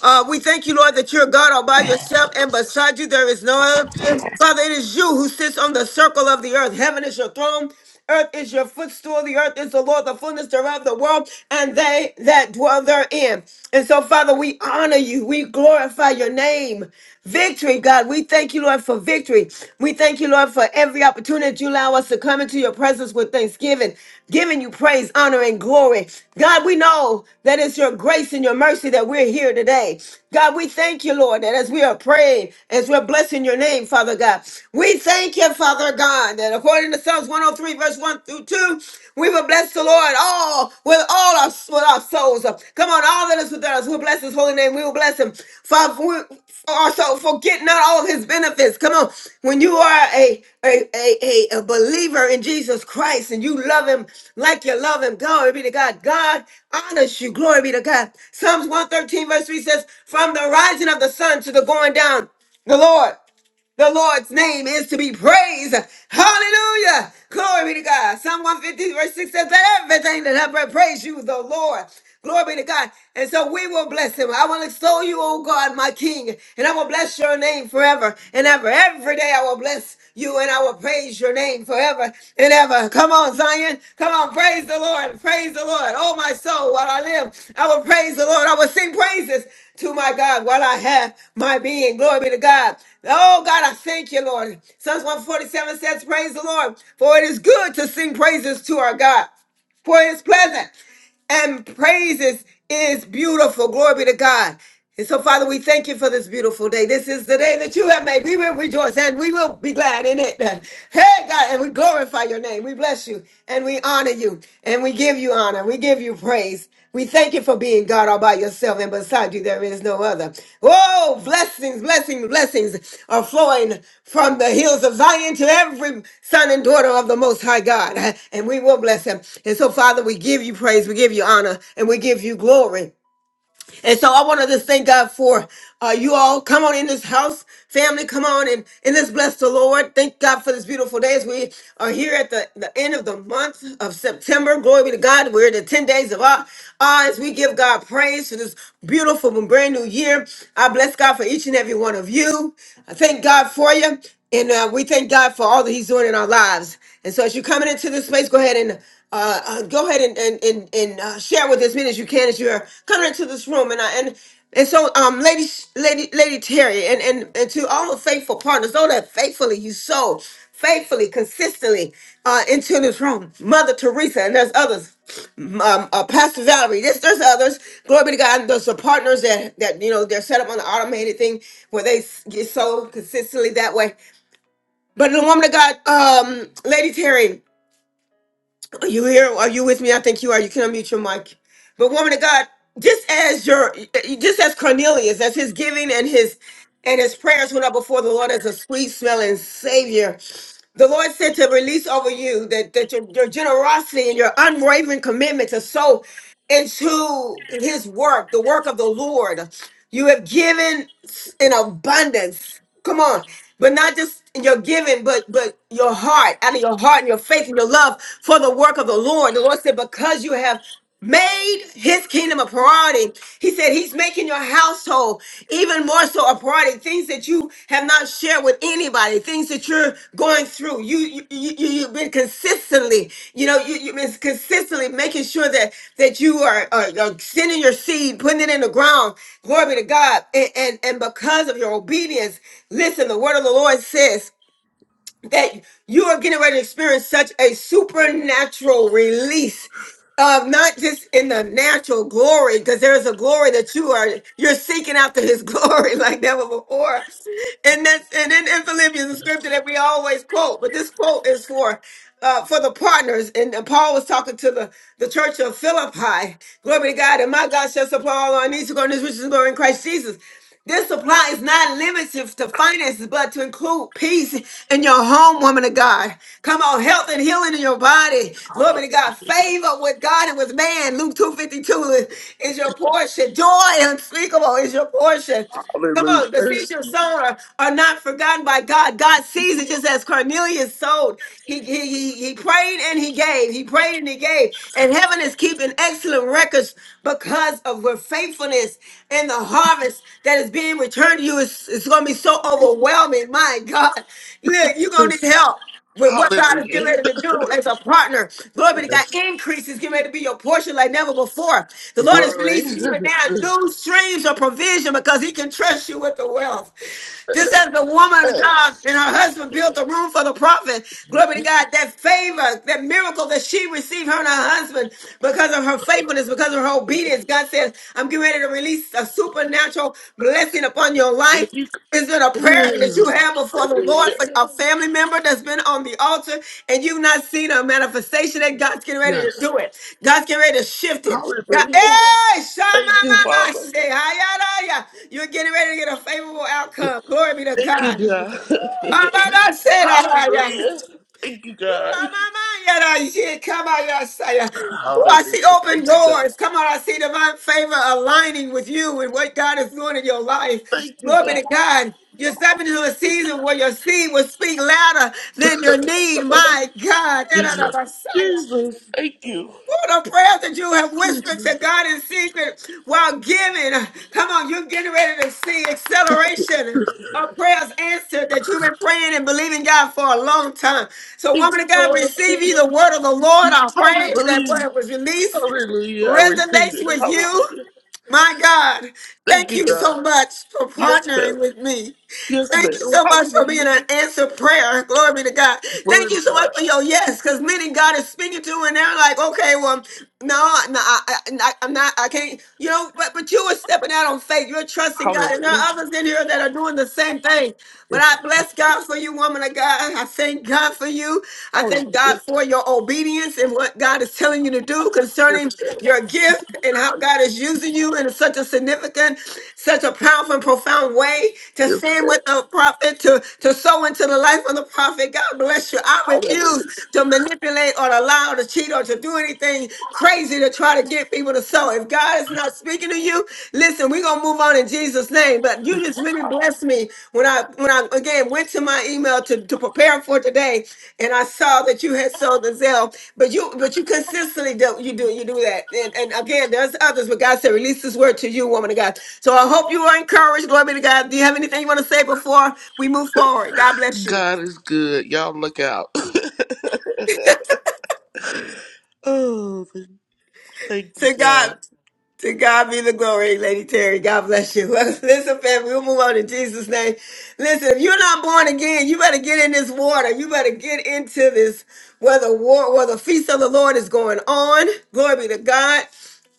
S1: Uh, we thank you, Lord, that you're God all by yourself and beside you there is no other. Father, it is you who sits on the circle of the earth. Heaven is your throne. Earth is your footstool. The earth is the Lord, the fullness thereof, the world, and they that dwell therein. And so, Father, we honor you. We glorify your name. Victory victory, God. We thank you, Lord, for victory. We thank you, Lord, for every opportunity you allow us to come into your presence with thanksgiving, giving you praise, honor, and glory. God, we know that it's your grace and your mercy that we're here today. God, we thank you, Lord, that as we are praying, as we're blessing your name, Father God, we thank you, Father God, that according to Psalms 103, verse 1 through 2, we will bless the Lord all all with all our with our souls. Come on, all that is within us. We'll bless his holy name. We will bless him. Father, for, for our soul, forget not all of his benefits. Come on. When you are a, a, a, a, a believer in Jesus Christ and you love him like you love him, glory be to God. God honors you. Glory be to God. Psalms 113, verse 3 says, From the rising of the sun to the going down, the Lord. The Lord's name is to be praised. Hallelujah. Glory be to God. Psalm 150, verse 6 says, Let everything that have breath praise you, the Lord. Glory be to God. And so we will bless him. I will extol you, O God, my King, and I will bless your name forever and ever. Every day I will bless you and I will praise your name name forever and ever. Come on, Zion. Come on, praise the Lord. Praise the Lord. Oh, my soul, while I live, I will praise the Lord. I will sing praises to my God while I have my being. Glory be to God. Oh, God, I thank you, Lord. Psalms 147 says, Praise the Lord, for it is good to sing praises to our God for it is pleasant and praises is beautiful. Glory be to God. And so, Father, we thank you for this beautiful day. This is the day that you have made. We will rejoice and we will be glad in it. Hey, God, and we glorify your name. We bless you and we honor you and we give you honor. We give you praise. We thank you for being God all by yourself, and beside you there is no other. Whoa, blessings, blessings, blessings are flowing from the hills of Zion to every son and daughter of the Most High God, and we will bless him. And so, Father, we give you praise, we give you honor, and we give you glory. And so I want to just thank God for uh, you all. Come on in this house, family. Come on and, and let's bless the Lord. Thank God for this beautiful day as we are here at the, the end of the month of September. Glory be to God. We're in the 10 days of awe. Uh, as we give God praise for this beautiful and brand new year, I bless God for each and every one of you. I thank God for you. And uh, we thank God for all that He's doing in our lives. And so as you're coming into this space, go ahead and uh, uh, go ahead and and and, and uh, share with as many as you can as you're coming into this room. And I and and so, um, lady, lady, lady Terry, and and and to all the faithful partners, all that faithfully you sold, faithfully, consistently uh, into this room, Mother Teresa, and there's others. Um, uh, Pastor Valerie, there's, there's others. Glory be to God. And There's the partners that that you know they're set up on the automated thing where they s- get sold consistently that way. But the woman of God, um, Lady Terry, are you here? Are you with me? I think you are. You can unmute your mic. But woman of God, just as your just as Cornelius, as his giving and his and his prayers went up before the Lord as a sweet smelling savior. The Lord said to release over you that, that your, your generosity and your unwavering commitment to sow into his work, the work of the Lord. You have given in abundance. Come on. But not just in your giving, but but your heart, out of your heart and your faith and your love for the work of the Lord. The Lord said, because you have made his kingdom a priority. He said he's making your household even more so a priority. Things that you have not shared with anybody, things that you're going through. You you, you you've been consistently, you know, you, you've been consistently making sure that that you are, are, are sending your seed, putting it in the ground. Glory be to God. And, and and because of your obedience, listen, the word of the Lord says that you are getting ready to experience such a supernatural release of not just in the natural glory because there's a glory that you are you're seeking after his glory like never before and that's and then in philippians the scripture that we always quote but this quote is for uh, for the partners and uh, paul was talking to the the church of philippi glory to god and my god shall supply all our needs according to his riches and glory in christ jesus this supply is not limited to finances, but to include peace in your home, woman of God. Come on, health and healing in your body. Glory be to God. Favor with God and with man. Luke 252 is, is your portion. Joy unspeakable is your portion. Come
S11: Hallelujah.
S1: on, the seeds you've sown are, are not forgotten by God. God sees it just as Cornelius sowed. He, he, he, he prayed and he gave. He prayed and he gave. And heaven is keeping excellent records because of your faithfulness and the harvest that is being returned to you is, is going to be so overwhelming. My God. Look, you're going to need help with what God is getting
S11: Hallelujah.
S1: ready to do as a partner. Glory be to God.
S11: Yes.
S1: Increases getting ready to be your portion like never before. The Lord is
S11: Glory.
S1: releasing you now new streams of provision because He can trust you with the wealth. Just
S11: Yes.
S1: as the woman of God
S11: yes.
S1: and her husband built a room for the prophet, glory to God, that favor, that miracle that she received, her and her husband, because of her faithfulness, because of her obedience, God says, I'm getting ready to release a supernatural blessing upon your
S11: Thank
S1: life.
S11: you.
S1: Is it a prayer that you
S11: Hallelujah.
S1: have before the Lord for a family member that's been on the altar and you've not seen a manifestation that God's getting ready to
S11: Yes.
S1: do it? God's getting ready to shift it. God,
S11: Hallelujah.
S1: hey,
S11: Thank you,
S1: shamamama,
S11: Father.
S1: say, hayaraya. You're getting ready to get a favorable outcome. Glory be to
S11: Thank you,
S1: God.
S11: God.
S1: Amama, say, hayaraya.
S11: Hallelujah. Thank you, God. Hallelujah.
S1: I see open
S11: Thank you, God.
S1: doors. Come on, I see divine favor aligning with you and what God is doing in your life.
S11: Thank you,
S1: Glory
S11: God.
S1: be to God. You're stepping into a season where your seed will speak louder than your need. My God.
S11: Jesus, thank you.
S1: What the prayers that you have
S11: Thank
S1: whispered to God in secret while giving. Come on, you're getting ready to see acceleration of prayers answered that you've been praying and believing God for a long time. So,
S11: you,
S1: woman of God,
S11: Father.
S1: receive
S11: Thank you.
S1: you the word of the Lord. I pray that
S11: Hallelujah.
S1: word was released
S11: Hallelujah. I receive
S1: resonates
S11: it.
S1: with you.
S11: Hallelujah.
S1: My God,
S11: Thank
S1: thank
S11: you,
S1: you
S11: God.
S1: so much for
S11: Yes, ma'am.
S1: partnering with me.
S11: Yes,
S1: Thank
S11: ma'am.
S1: you so much for being
S11: Hallelujah.
S1: an answered prayer. Glory be to God. Thank
S11: Glory
S1: you
S11: to
S1: so
S11: God.
S1: much for your yes, because many God is speaking to, and they're like, okay, well, no, no, I, I, I'm not, I can't, you know, but, but you were stepping out on faith. You're trusting God. And there
S11: Hallelujah.
S1: are others in here that are doing the same thing. But
S11: Yes,
S1: I bless God for you, woman of God thank God for you. I
S11: hallelujah.
S1: thank God for your obedience and what God is telling you to do
S11: Yes,
S1: concerning
S11: ma'am.
S1: your gift and how God is using you in such a significant, such a powerful and profound way to
S11: Yes,
S1: stand
S11: ma'am.
S1: with the prophet, to, to sow into the life of the prophet. God bless you. I
S11: Hallelujah.
S1: refuse to manipulate or allow to cheat or to do anything crazy to try to get people to sow. If God that's not speaking to you, listen, we're gonna move on in Jesus' name. But you just really blessed me when I when I again went to my email to, to prepare for today, and I saw that you had sold the Zell. But you but you consistently do you do you do that. And and again, there's others, but God said, release this word to you, woman of God. So I hope you are encouraged. Glory be to God. Do you have anything you want to say before we move forward? God bless you.
S11: God is good. Y'all look out. oh, thank you,
S1: So
S11: God.
S1: God. To God be the glory, Lady Terry. God bless you. Listen, family, we'll move on in Jesus' name. Listen, if you're not born again, you better get in this water. You better get into this where the war, where the feast of the Lord is going on. Glory be to God.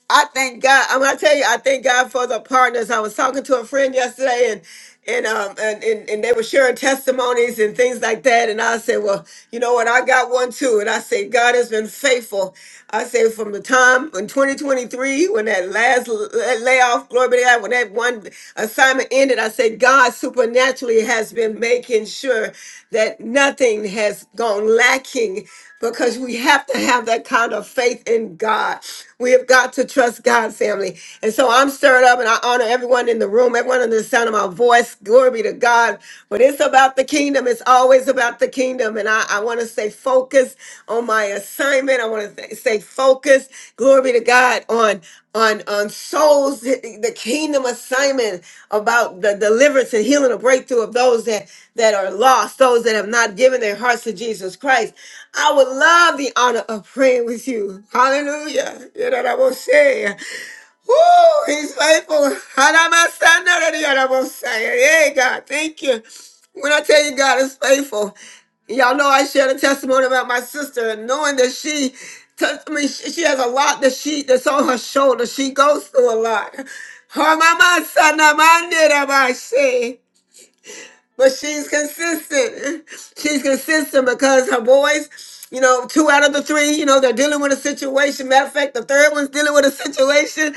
S1: I thank God. I'm gonna tell you, I thank God for the partners. I was talking to a friend yesterday and and um and, and, and they were sharing testimonies and things like that. And I said, Well, you know what, I got one too. And I said, God has been faithful. I say from the time in 2023, when that last l- l- layoff, glory be to God, when that one assignment ended, I said, God supernaturally has been making sure that nothing has gone lacking because we have to have that kind of faith in God. We have got to trust God, family. And so I'm stirred up and I honor everyone in the room, everyone in the sound of my voice. Glory be to God. But it's about the kingdom. It's always about the kingdom. And I, I want to stay focused on my assignment. I want to stay focused focus, glory to God, on on on souls, the kingdom assignment about the deliverance and healing and breakthrough of those that that are lost, those that have not given their hearts to Jesus Christ. I would love the honor of praying with you. Hallelujah. You know what I will say? Woo! He's faithful. Hey, God, thank you. When I tell you God is faithful, y'all know I shared a testimony about my sister and knowing that she, touched, I mean, she, she has a lot that she that's on her shoulder. She goes through a lot. Her mama, son, I say but she's consistent. She's consistent because her boys, you know, two out of the three, you know, they're dealing with a situation. Matter of fact, the third one's dealing with a situation.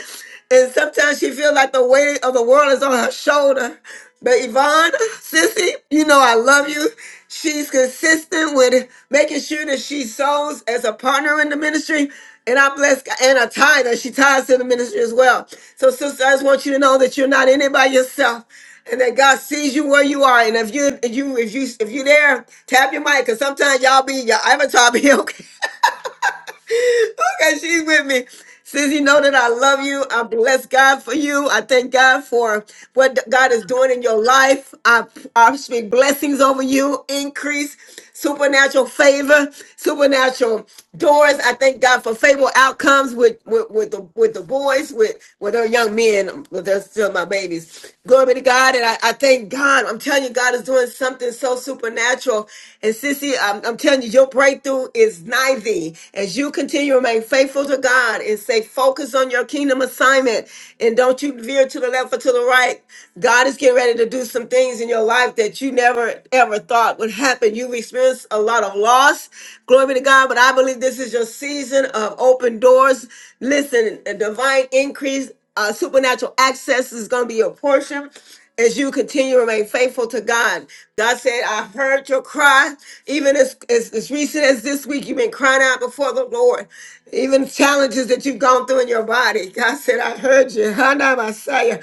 S1: And sometimes she feels like the weight of the world is on her shoulder. But Yvonne, sissy, you know I love you. She's consistent with making sure that she sows as a partner in the ministry. And I bless God. And a tither. She ties to the ministry as well. So, sister, I just want you to know that you're not in it by yourself and that God sees you where you are. And if you if you if you if you there, tap your mic because sometimes y'all be your avatar be okay okay, she's with me. Sissy. know that I love you, I bless God for you. I thank God for what God is doing in your life. I, I speak blessings over you, increase, supernatural favor, supernatural doors. I thank God for favorable outcomes with, with, with the with the boys, with with our young men, but they're still my babies. Glory be to God, and I, I thank God. I'm telling you, God is doing something so supernatural. And Sissy, I'm, I'm telling you, your breakthrough breakthrough is nigh thee. As you continue to remain faithful to God and stay focused on your kingdom assignment and don't you veer to the left or to the right, God is getting ready to do some things in your life that you never ever thought would happen. You've experienced a lot of loss. Glory be to God, but I believe this is your season of open doors. Listen, a divine increase uh, supernatural access is going to be your portion as you continue to remain faithful to God. God said, I heard your cry. Even as, as, as recent as this week, you've been crying out before the Lord. Even challenges that you've gone through in your body. God said, I heard you. Hana Messiah.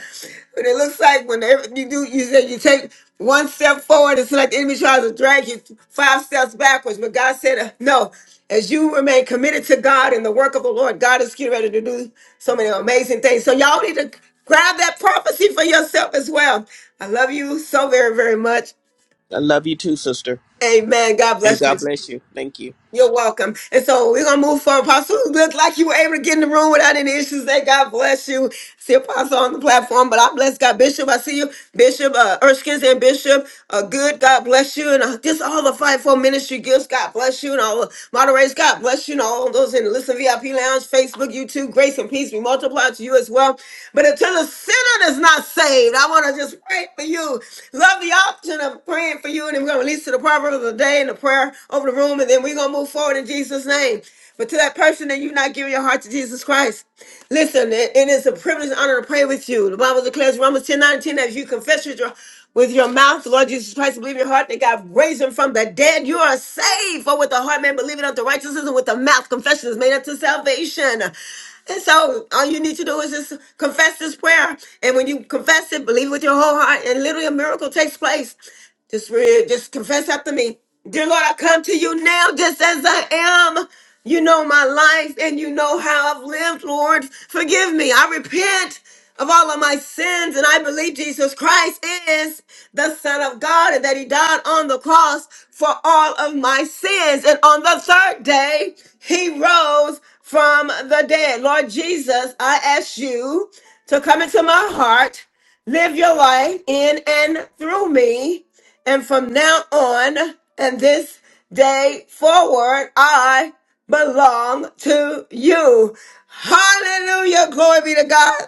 S1: But it looks like whenever you do, you said you take one step forward, it's like the enemy tries to drag you five steps backwards. But God said, uh, no. As you remain committed to God and the work of the Lord, God is getting ready to do so many amazing things. So y'all need to Grab that prophecy for yourself as well. I love you so very, very much.
S14: I love you too, sister.
S1: Amen. God bless.
S14: And
S1: you.
S14: God bless you. Thank you.
S1: You're welcome. And so we're gonna move forward. Apostle, it looked like you were able to get in the room without any issues. Say God bless you. See Apostle on the platform, but I bless God, Bishop. I see you, Bishop uh, Erskines and Bishop. Uh, good. God bless you, and uh, just all the fivefold ministry gifts. God bless you, and all the moderators. God bless you, and all those in the Listen VIP Lounge, Facebook, YouTube. Grace and peace be multiplied to you as well. But until the sinner is not saved, I want to just pray for you. Love the option of praying for you, and then we're gonna release to the proverb of the day and a prayer over the room, and then we're going to move forward in Jesus' name. But to that person that you're not giving your heart to Jesus Christ, listen, it, it is a privilege and honor to pray with you. The Bible declares Romans 10 19 that if you confess with your, with your mouth the Lord Jesus Christ and believe in your heart that God raised him from the dead, you are saved. For with the heart man believing unto righteousness and with the mouth confession is made unto salvation. And so all you need to do is just confess this prayer. And when you confess it, believe with your whole heart, and literally a miracle takes place. Just read, just confess after me. Dear Lord, I come to you now just as I am. You know my life and you know how I've lived, Lord. Forgive me. I repent of all of my sins and I believe Jesus Christ is the Son of God and that He died on the cross for all of my sins. And on the third day, He rose from the dead. Lord Jesus, I ask you to come into my heart live your life in and through me. And from now on and this day forward, I belong to you. Hallelujah. Glory be to God.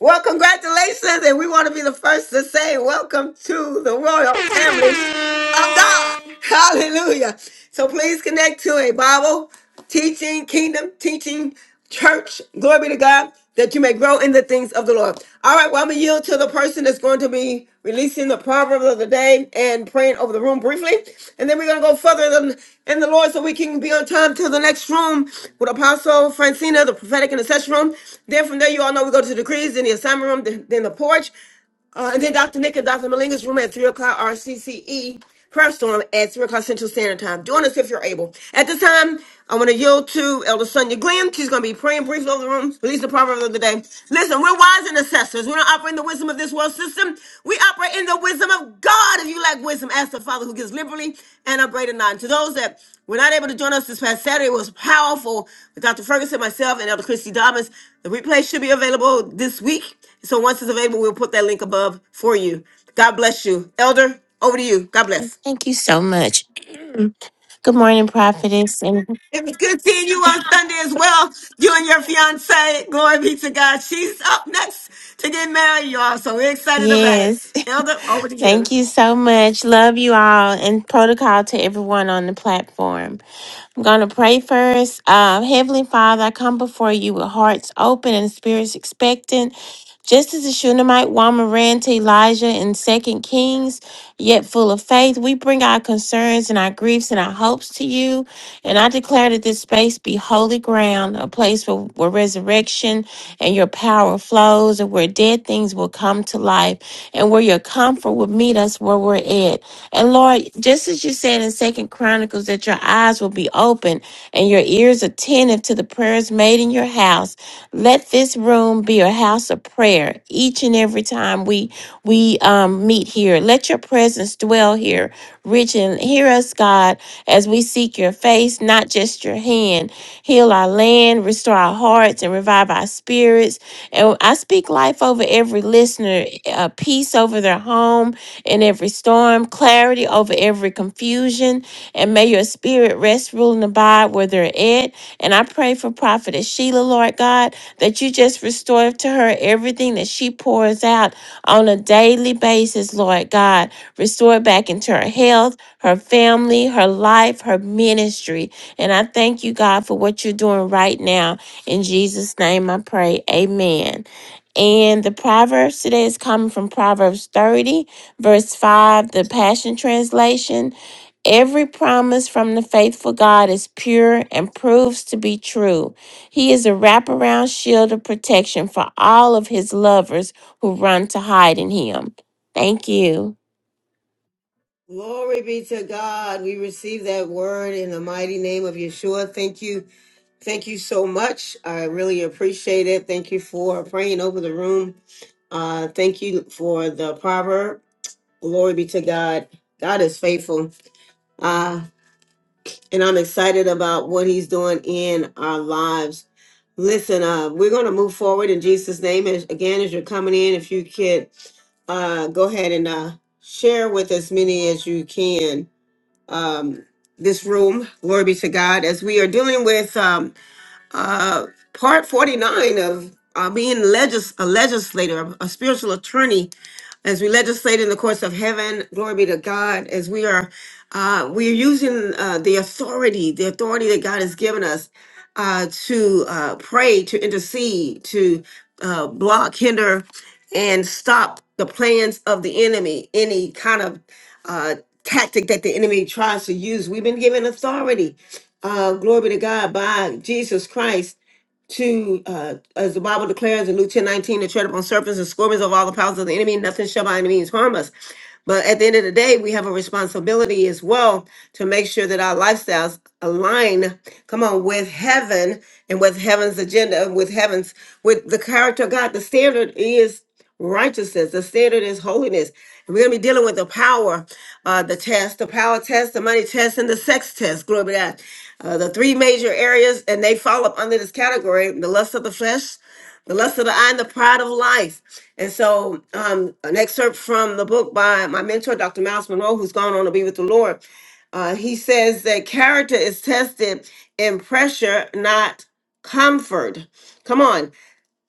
S1: Well, congratulations. And we want to be the first to say, Welcome to the royal family of God. Hallelujah. So please connect to a Bible teaching kingdom, teaching church. Glory be to God that you may grow in the things of the Lord. All right, well, I'm going to yield to the person that's going to be releasing the proverb of the day and praying over the room briefly. And then we're going to go further than- in the Lord so we can be on time to the next room with Apostle Francina, the prophetic intercession room. Then from there, you all know we go to the decrees, then the assignment room, then then the porch. Uh, and then Dr. Nick and Dr. Malinga's room at 3 o'clock RCCE prayer storm at 3 o'clock Central Standard Time. Join us if you're able. At this time, I want to yield to Elder Sonia Glenn. She's going to be praying briefly over the room, releasing the proverb of the day. Listen, we're wise and assessors. We don't operate in the wisdom of this world system. We operate in the wisdom of God. If you lack wisdom, ask the Father who gives liberally and upbraided not. And to those that were not able to join us this past Saturday, it was powerful with Dr. Ferguson, myself, and Elder Christy Dobbins. The replay should be available this week so once it's available, we'll put that link above for you. God bless you. Elder, over to you. God bless. It was good seeing you on Sunday as well. You and your fiance. Glory be to God. She's up next to get married, y'all. So we're excited about it.
S15: Yes.
S1: Elder, over.
S15: Thank you so much. Love you all and protocol to everyone on the platform. I'm going to pray first. Uh, Heavenly Father, I come before you with hearts open and spirits expectant. Just as the Shunammite woman ran to Elijah in Second Kings, yet full of faith, we bring our concerns and our griefs and our hopes to you. And I declare that this space be holy ground, a place where, where resurrection and your power flows, and where dead things will come to life, and where your comfort will meet us where we're at. And Lord, just as you said in Second Chronicles, that your eyes will be open and your ears attentive to the prayers made in your house. Let this room be a house of prayer each and every time we we um, meet here. Let your presence dwell here, rich and hear us, God, as we seek your face, not just your hand. Heal our land, restore our hearts, and revive our spirits. And I speak life over every listener, uh, peace over their home in every storm, clarity over every confusion, and may your spirit rest, rule, and abide where they're at. And I pray for Prophetess Sheila, Lord God that you just restore to her everything that she pours out on a daily basis, Lord God. Restore it back into her health, her family, her life, her ministry. And I thank you, God, for what you're doing right now. In Jesus' name I pray. Amen. And the Proverbs today is coming from Proverbs 30, verse 5, the Passion Translation. Every promise from the faithful God is pure and proves to be true. He is a wraparound shield of protection for all of his lovers who run to hide in him. Thank you.
S1: Glory be to God. We receive that word in the mighty name of Yeshua. Thank you. Thank you so much. I really appreciate it. Thank you for praying over the room. Uh, thank you for the proverb. Glory be to God. God is faithful. Uh, and I'm excited about what he's doing in our lives. Listen, uh, we're going to move forward in Jesus' name. And again, as you're coming in, if you could uh, go ahead and uh, share with as many as you can um, this room. Glory be to God. As we are dealing with um, uh, part 49 of uh, being legis- a legislator, a spiritual attorney as we legislate in the courts of heaven. Glory be to God. As we are, uh, we are using uh, the authority, the authority that God has given us uh, to uh, pray, to intercede, to uh, block, hinder, and stop the plans of the enemy. Any kind of uh, tactic that the enemy tries to use, we've been given authority. Uh, glory be to God by Jesus Christ to uh, as the Bible declares in Luke ten nineteen, to tread upon serpents and scorpions of all the powers of the enemy, nothing shall by any means harm us. But at the end of the day, we have a responsibility as well to make sure that our lifestyles align, come on, with heaven and with heaven's agenda, uh, with heaven's, with the character of God. The standard is righteousness. The standard is holiness. And we're going to be dealing with the power, uh, the test, the power test, the money test, and the sex test. Glory be to God. Uh, the three major areas, and they fall up under this category the lust of the flesh, the lust of the eye and the pride of life. And so, um, an excerpt from the book by my mentor, Dr. Miles Monroe, who's gone on to be with the Lord. Uh, he says that character is tested in pressure, not comfort. Come on,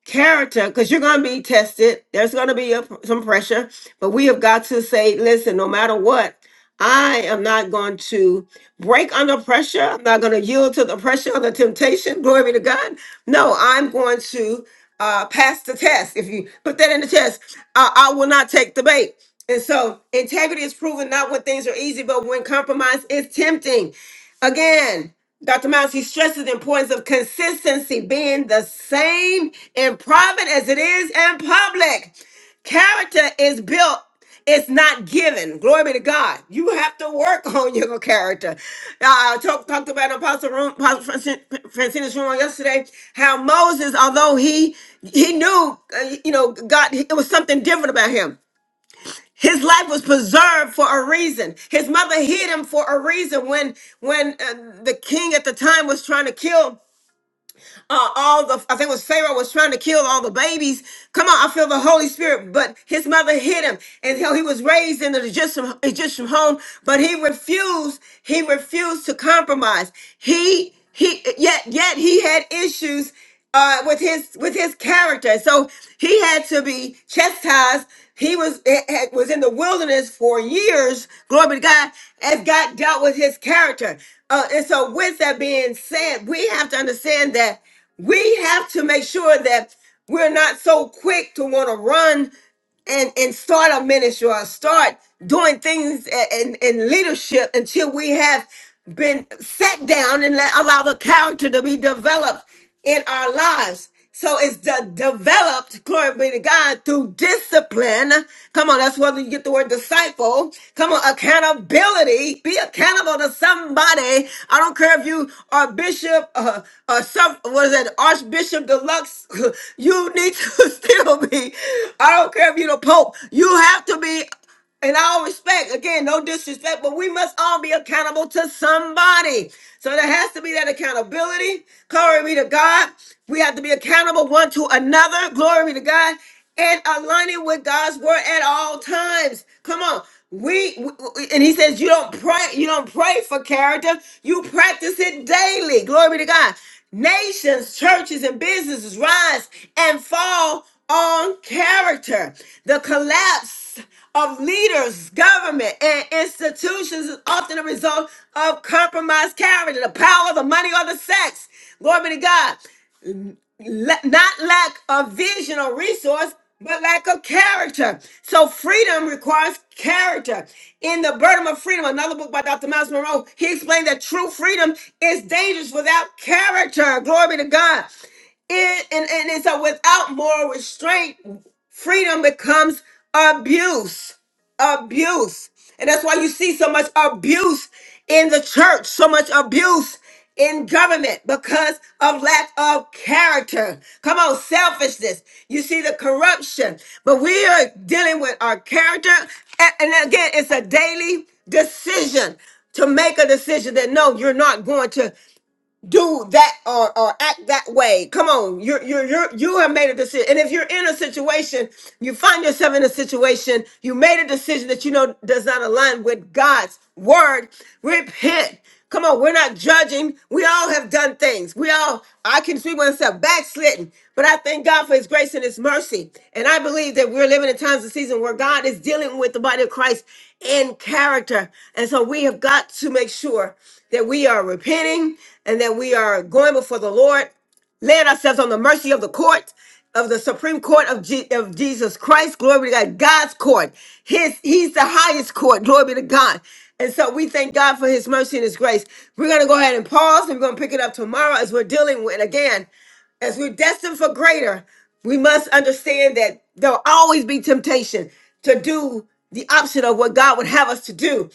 S1: character, because you're going to be tested. There's going to be a, some pressure, but we have got to say, listen, no matter what. I am not going to break under pressure. I'm not going to yield to the pressure or the temptation. Glory be to God. No, I'm going to uh, pass the test. If you put that in the test, uh, I will not take the bait. And so integrity is proven not when things are easy, but when compromise is tempting. Again, Dr. Miles, he stresses the importance of consistency being the same in private as it is in public. Character is built, it's not given. Glory be to God. You have to work on your character. Uh, I talked talked about in Apostle, room, Apostle Francine- Francina's room yesterday how Moses, although he he knew, uh, you know, God, it was something different about him. His life was preserved for a reason. His mother hid him for a reason. When when uh, the king at the time was trying to kill uh, all the I think it was Pharaoh was trying to kill all the babies. Come on, I feel the Holy Spirit, but his mother hid him, and he was raised in the Egyptian Egyptian home, but he refused. He refused to compromise. He he yet yet he had issues uh, with his with his character. So he had to be chastised. He was eh, eh, was in the wilderness for years. Glory be to God, as God dealt with his character. Uh, and so, with that being said, we have to understand that. We have to make sure that we're not so quick to want to run and and start a ministry or start doing things a- in, in leadership until we have been sat down and let, allow the character to be developed in our lives. So it's de- developed, glory be to God, through discipline. Come on, Come on, that's where you get the word disciple. Come on, accountability. Be accountable to somebody. I don't care if you are bishop uh, or some, what is that, Archbishop Deluxe. You need to still be. I don't care if you're the Pope. You have to be in all respect, again, no disrespect, but we must all be accountable to somebody. So there has to be that accountability. Glory be to God. We have to be accountable one to another. Glory be to God. And aligning with God's word at all times. Come on. We, we we- and he says you don't pray you don't pray for character you practice it daily glory be to god nations churches and businesses rise and fall on character the collapse of leaders, government, and institutions is often a result of compromised character, the power, the money, or the sex. Glory be to God. La- not lack of vision or resource, but lack of character. So freedom requires character. In The Burden of Freedom, another book by Dr. Miles Monroe, he explained that true freedom is dangerous without character. Glory be to God. It, and, and, and so without moral restraint, freedom becomes abuse abuse. And that's why you see so much abuse in the church, so much abuse in government because of lack of character. Come on, selfishness. You see the corruption, but we are dealing with our character. A- And again, it's a daily decision to make a decision that no, you're not going to do that or, or act that way. Come on, you you you you have made a decision. And if you're in a situation, you find yourself in a situation, you made a decision that you know does not align with God's word. Repent. Come on, we're not judging. We all have done things. We all, I can see myself backslidden, but I thank God for His grace and His mercy. And I believe that we're living in times of season where God is dealing with the body of Christ in character. And so we have got to make sure that we are repenting and that we are going before the Lord, laying ourselves on the mercy of the court of the Supreme Court of, Je- of Jesus Christ. Glory be to God. God's court. His He's the highest court. Glory be to God. And so we thank God for His mercy and His grace. We're gonna go ahead and pause, and we're gonna pick it up tomorrow as we're dealing with again as we're destined for greater, we must understand that there'll always be temptation to do the opposite of what God would have us to do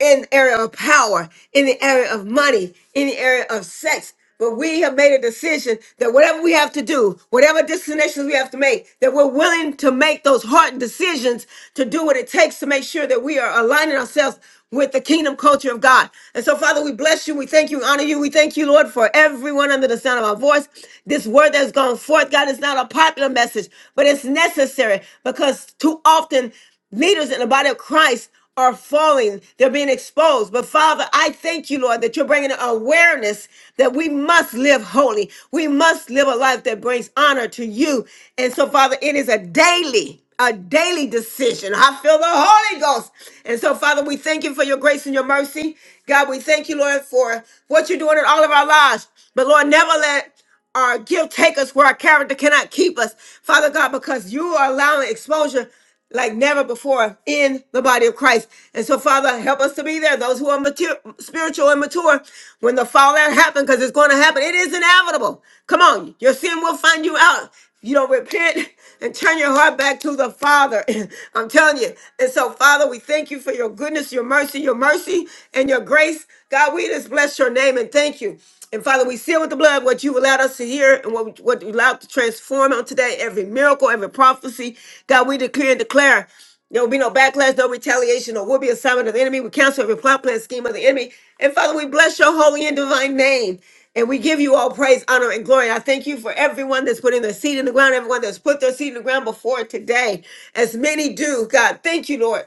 S1: in the area of power, in the area of money, in the area of sex. But we have made a decision that whatever we have to do, whatever destinations we have to make, that we're willing to make those hard decisions to do what it takes to make sure that we are aligning ourselves with the kingdom culture of God. And so, Father, we bless you. We thank you, honor you. We thank you, Lord, for everyone under the sound of our voice. This word that's gone forth, God, is not a popular message, but it's necessary because too often leaders in the body of Christ are falling, they're being exposed. But Father, I thank you, Lord, that you're bringing awareness that we must live holy. We must live a life that brings honor to you. And so, Father, it is a daily, a daily decision. I feel the Holy Ghost. And so, Father, we thank you for your grace and your mercy. God, we thank you, Lord, for what you're doing in all of our lives. But Lord, never let our guilt take us where our character cannot keep us, Father God, because you are allowing exposure like never before in the body of Christ. And so, Father, help us to be there. Those who are mature, spiritual and mature, when the fallout happens, because it's going to happen, it is inevitable. Come on, your sin will find you out. If you don't repent and turn your heart back to the Father, I'm telling you. And so, Father, we thank you for your goodness, your mercy, your mercy, and your grace. God, we just bless your name and thank you. And Father, we seal with the blood what you've allowed us to hear and what, what you allowed to transform on today, every miracle, every prophecy. God, we declare and declare there will be no backlash, no retaliation, or will be assignment of the enemy. We cancel every plot, plan, scheme of the enemy. And Father, we bless your holy and divine name. And we give you all praise, honor, and glory. I thank you for everyone that's putting their seed in the ground, everyone that's put their seed in the ground before today. As many do, God, thank you, Lord.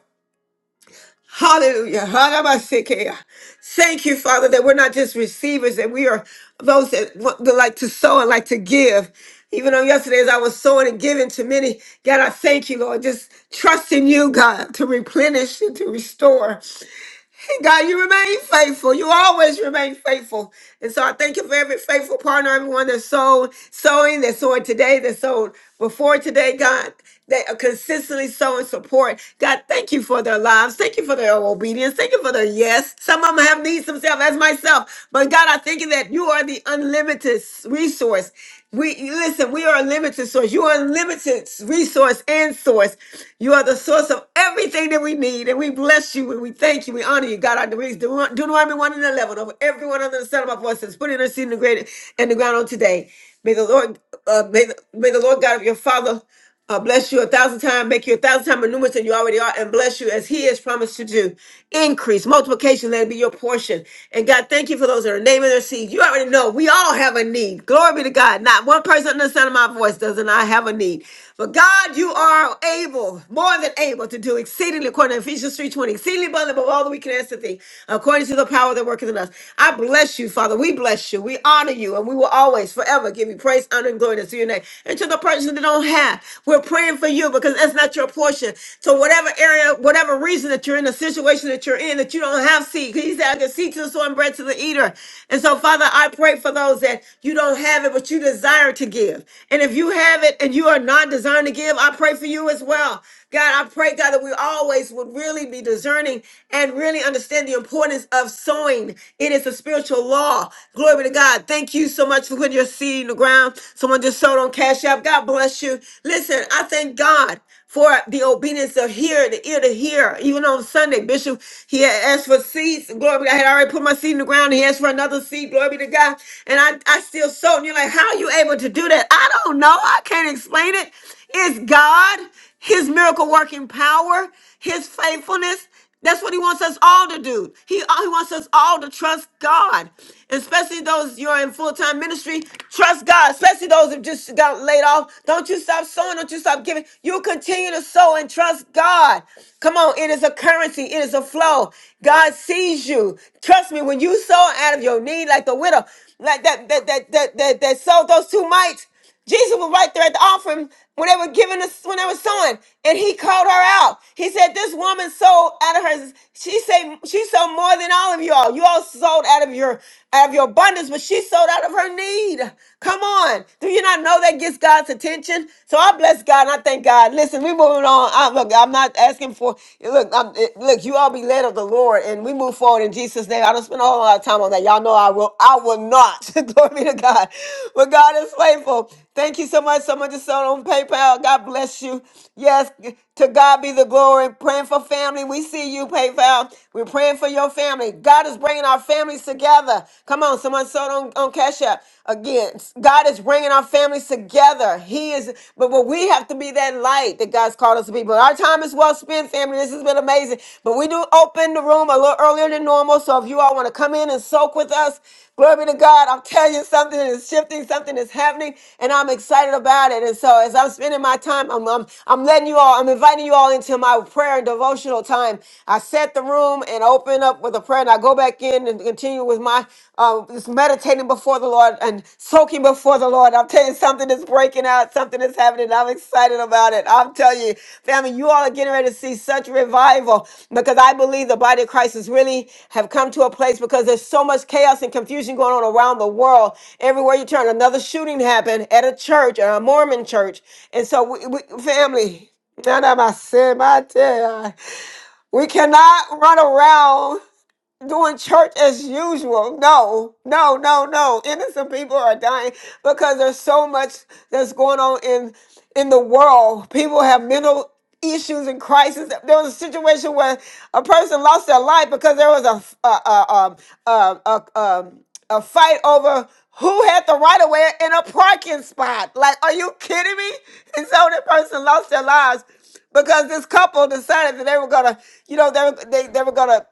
S1: Hallelujah. Harabasekeya. Thank you, Father, that we're not just receivers, that we are those that, want, that like to sow and like to give. Even on yesterday, as I was sowing and giving to many, God, I thank you, Lord. Just trust in you, God, to replenish and to restore. God, you remain faithful. You always remain faithful. And so I thank you for every faithful partner, everyone that's sold, sowing, that's sowing today, that's sowed before today, God, that are consistently sowing support. God, thank you for their lives. Thank you for their obedience. Thank you for their yes. Some of them have needs themselves, as myself. But God, I thank you that you are the unlimited resource. We listen, we are a limited source. You are a limited resource and source. You are the source of everything that we need. And we bless you and we thank you. We honor you. God, I release Deut- Deuteronomy 1 and 11 over everyone under the sound of my voice that's putting their seed in the, great, in the ground on today. May the Lord, uh, may, the, may the Lord God of your Father uh, bless you a thousand times, make you a thousand times more numerous than you already are, and bless you as He has promised to do. Increase, multiplication, let it be your portion. And God, thank you for those that are naming their seed. You already know we all have a need. Glory be to God. Not one person under the sound of my voice does not have a need. But God, you are able, more than able, to do exceedingly according to Ephesians 3:20, exceedingly abundantly above all that we can ask to think, according to the power that worketh in us. I bless you, Father. We bless you. We honor you, and we will always, forever give you praise, honor, and glory. That's to your name your name. And to the person that don't have, we're praying for you because that's not your portion. So whatever area, whatever reason that you're in, the situation that you're in, that you don't have seed, 'cause he said, I can seed to the sower and bread to the eater. And so, Father, I pray for those that you don't have it, but you desire to give. And if you have it and you are not desiring to give, I pray for you as well. God, I pray, God, that we always would really be discerning and really understand the importance of sowing. It is a spiritual law. Glory be to God. Thank you so much for putting when you're seeing the ground. Someone just sold on Cash App. God bless you. Listen, I thank God for the obedience of hear, the ear to hear. Even on Sunday, Bishop, he had asked for seeds. Glory be to God. I had already put my seed in the ground. He asked for another seed. Glory be to God. And I, I still sold. And you're like, how are you able to do that? I don't know. I can't explain it. It's God, his miracle working power, his faithfulness. That's what he wants us all to do. He, uh, he wants us all to trust God, especially those you're in full time ministry. Trust God, especially those who just got laid off. Don't you stop sowing. Don't you stop giving. You continue to sow and trust God. Come on, it is a currency. It is a flow. God sees you. Trust me, when you sow out of your need, like the widow, like that that that that that, that sowed those two mites. Jesus was right there at the offering when they were giving us when they were sowing, and he called her out. He said, "This woman sold out of her. She said she sold more than all of y'all. You all sold out of your out of your abundance, but she sold out of her need. Come on, do you not know that gets God's attention? So I bless God and I thank God. Listen, we moving on. I, look, I'm not asking for look. I'm, it- look, you all be led of the Lord, and we we move forward in Jesus' name. I don't spend a whole lot of time on that. Y'all know I will. I will not. Glory be to God. But God is faithful. Thank you so much. Someone just sold on PayPal. God bless you. Yes, to God be the glory. Praying for family. We see you, PayPal. We're praying for your family. God is bringing our families together. Come on, someone sold on, on Cash App. Again, God is bringing our families together. He is. But. But but we have to be that light that God's called us to be. But our time is well spent, family. This has been amazing. But we do open the room a little earlier than normal. So if you all want to come in and soak with us, glory to God. I'm telling you, something is shifting, something is happening, and I'm excited about it. And so as I'm spending my time, I'm I'm, I'm letting you all, I'm inviting you all into my prayer and devotional time. I set the room and open up with a prayer, and I go back in and, and continue with my uh, just meditating before the Lord and soaking before the Lord. I'm telling you, something is breaking out, something is happening. I'm excited about it. I'm telling you, family, you all are getting ready to see such revival because I believe the body of Christ has really have come to a place because there's so much chaos and confusion going on around the world. Everywhere you turn, another shooting happened at a church, at a Mormon church, and so we, we family. None of my sin, my tear. We cannot run around doing church as usual. No, no, no, no. Innocent people are dying because there's so much that's going on in in the world. People have mental issues and crises. There was a situation where a person lost their life because there was a a a a um, a, a, um, a fight over. Who had the right of way in a parking spot? Like, are you kidding me? And so that person lost their lives because this couple decided that they were gonna, you know, they were, they, they were gonna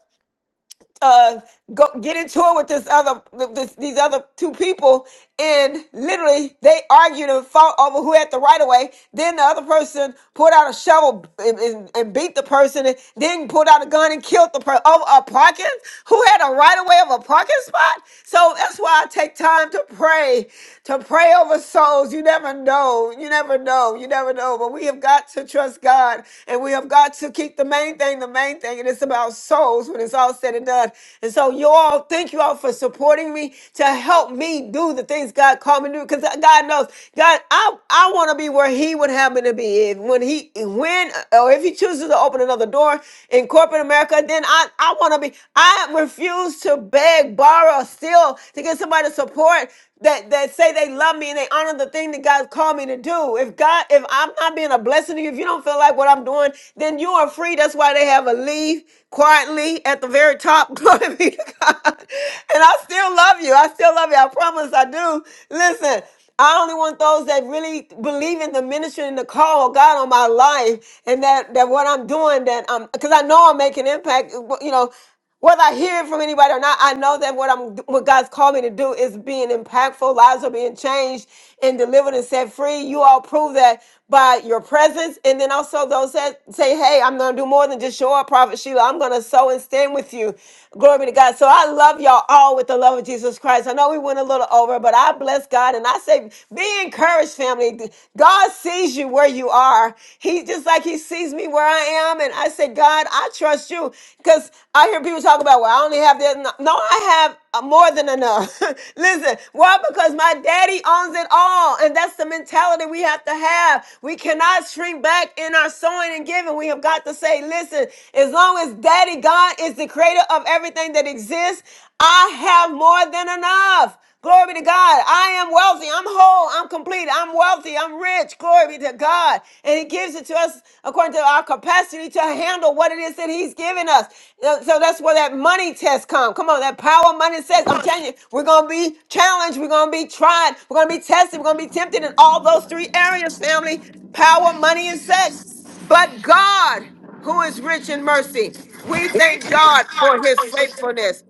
S1: uh, go get into it with this other this, these other two people, and literally they argued and fought over who had the right of way. Then the other person pulled out a shovel and, and, and beat the person, and then pulled out a gun and killed the person over a parking who had a right of way of a parking spot. So that's why I take time to pray, to pray over souls. You never know, you never know, you never know. But we have got to trust God. God. And we have got to keep the main thing the main thing. And it's about souls when it's all said and done. And so, you all, thank you all for supporting me to help me do the things God called me to do. Because God knows, God, I, I want to be where He would have me to be. And when He, when, or if He chooses to open another door in corporate America, then I, I want to be, I refuse to beg, borrow, steal to get somebody to support that that say they love me and they honor the thing that God called me to do. If God, if I'm not being a blessing to you, if you don't feel like what I'm doing, then you are free. That's why they have a leave quietly at the very top. Glory be to God. And I still love you. I still love you. I promise I do. Listen. I only want those that really believe in the ministry and the call of God on my life, and that that what I'm doing, that um, because I know I'm making impact. You know, whether I hear it from anybody or not, I know that what I'm what God's called me to do is being impactful. Lives are being changed and delivered and set free. You all prove that by your presence. And then also those that say, Hey, I'm gonna do more than just show up, Prophet Sheila. I'm gonna sow and stand with you. Glory be to God. So I love y'all all with the love of Jesus Christ. I know we went a little over, but I bless God and I say, be encouraged, family. God sees you where you are. He just just like he sees me where I am. And I said, God, I trust you. Because I hear people talk about, well, I only have this. No, no, I have uh, more than enough. Listen, why? Because my daddy owns it all. And that's the mentality we have to have. We cannot shrink back in our sowing and giving. We have got to say, listen, as long as daddy God is the creator of everything that exists, I have more than enough. Glory be to God. I am wealthy. I'm whole. I'm complete. I'm wealthy. I'm rich. Glory be to God. And He gives it to us according to our capacity to handle what it is that He's given us. Uh, So that's where that money test comes. Come on, that power money says, I'm telling you, we're going to be challenged. We're going to be tried. We're going to be tested. We're going to be tempted in all those three areas, family power, money, and sex. But God, who is rich in mercy, we
S16: We
S1: thank God
S16: thank God.
S1: for his faithfulness.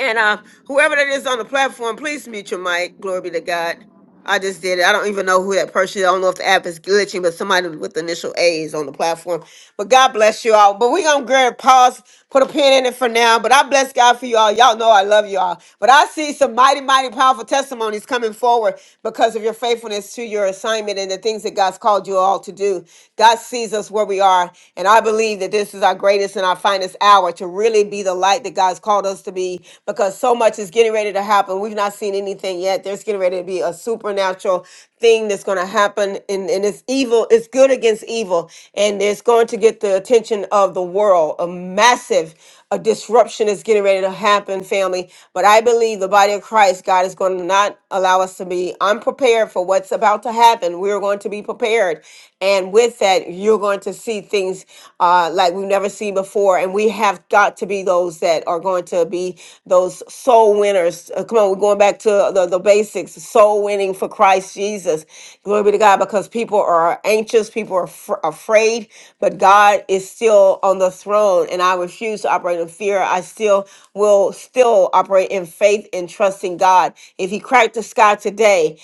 S1: And uh, whoever that is on the platform, please mute your mic. Glory be to God. I just did it. I don't even know who that person is. I don't know if the app is glitching, but somebody with the initial A is on the platform. But God bless you all. But we're going to grab pause, put a pin in it for now. But I bless God for you all. Y'all know I love you all. But I see some mighty, mighty powerful testimonies coming forward because of your faithfulness to your assignment and the things that God's called you all to do. God sees us where we are. And I believe that this is our greatest and our finest hour to really be the light that God's called us us to be because so much is getting ready to happen. We've not seen anything yet. There's getting ready to be a supernatural thing that's going to happen. And, and it's evil, it's good against evil. And it's going to get the attention of the world. A massive a disruption is getting ready to happen, family. But I believe the body of Christ, God is going to not allow us to be unprepared for what's about to happen. We're going to be prepared. And with that, you're going to see see things uh, like we've never seen before. And we have got to be those that are going to be those soul winners. Uh, come on, we're going back to the, the basics soul winning for Christ Jesus. Glory be to God because people are anxious, people are fr- afraid, but God is still on the throne. And I refuse to operate in fear. I still will still operate in faith and trust in God. If He cracked the sky today,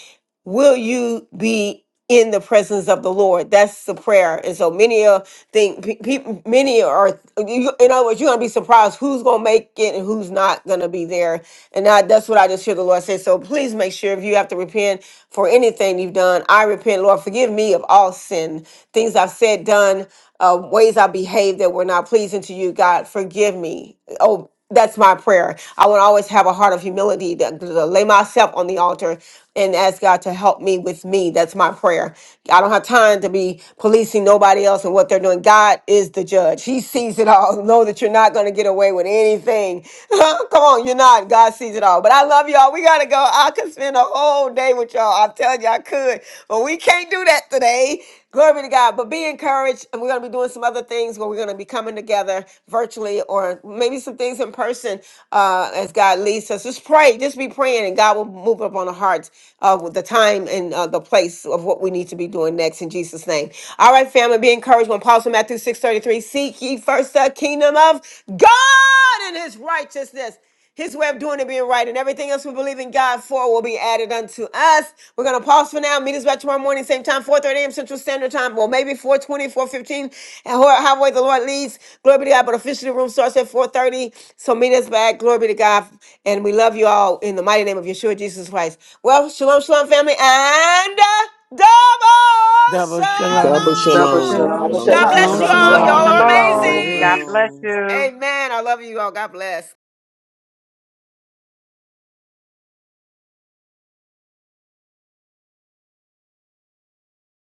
S1: will you be in the presence of the Lord? That's the prayer. And so many are think pe- pe- many are you- in other words, you're gonna be surprised who's gonna make it and who's not gonna be there. And I, that's what I just hear the Lord say. So please make sure if you have to repent for anything you've done, I repent, Lord, forgive me of all sin, things I've said, done, uh, ways I behaved that were not pleasing to you. God, forgive me. Oh that's my prayer. I want to always have a heart of humility to, to lay myself on the altar and ask God to help me with me. That's my prayer. I don't have time to be policing nobody else and what they're doing. God is the judge. He sees it all. Know that you're not going to get away with anything. Come on, you're not. God sees it all. But I love y'all. We got to go. I could spend a whole day with y'all. I tell you I could, but we can't do that today. Glory to God. But be encouraged. And we're going to be doing some other things where we're going to be coming together virtually or maybe some things in person uh, as God leads us. Just pray. Just be praying, and God will move up on the hearts uh, with the time and uh, the place of what we need to be doing next in Jesus' name. All right, family, be encouraged. When Paul said Matthew 6 33, seek ye first the kingdom of God and his righteousness his way of doing it being right, and everything else we believe in God for will be added unto us. We're gonna pause for now. Meet us back tomorrow morning, same time, 4:30 a.m. Central Standard Time. Well, maybe four twenty, four fifteen, and ho- however way the Lord leads. Glory be to God. But officially, the room starts at 4:30. So meet us back. Glory be to God, and we love you all in the mighty name of Yeshua Jesus Christ. Well, shalom, shalom, family, and uh, double
S17: Double
S14: Double
S17: shalom.
S3: Double
S14: shalom.
S1: shalom.
S7: Yeah,
S3: shalom,
S9: Shalom,
S14: Shalom.
S7: but
S1: God
S9: shalom.
S7: shalom.
S18: Shalom,
S1: bless you
S7: Love
S17: Shalom,
S7: you
S3: shalom.
S1: all. Y'all
S19: Shalom,
S7: all.
S10: Dava
S17: shalom.
S18: shalom.
S1: are
S3: Great
S19: shalom.
S10: Shalom.
S19: God
S1: amazing.
S19: bless
S3: room.
S19: you.
S1: Amen. I love you all. God bless.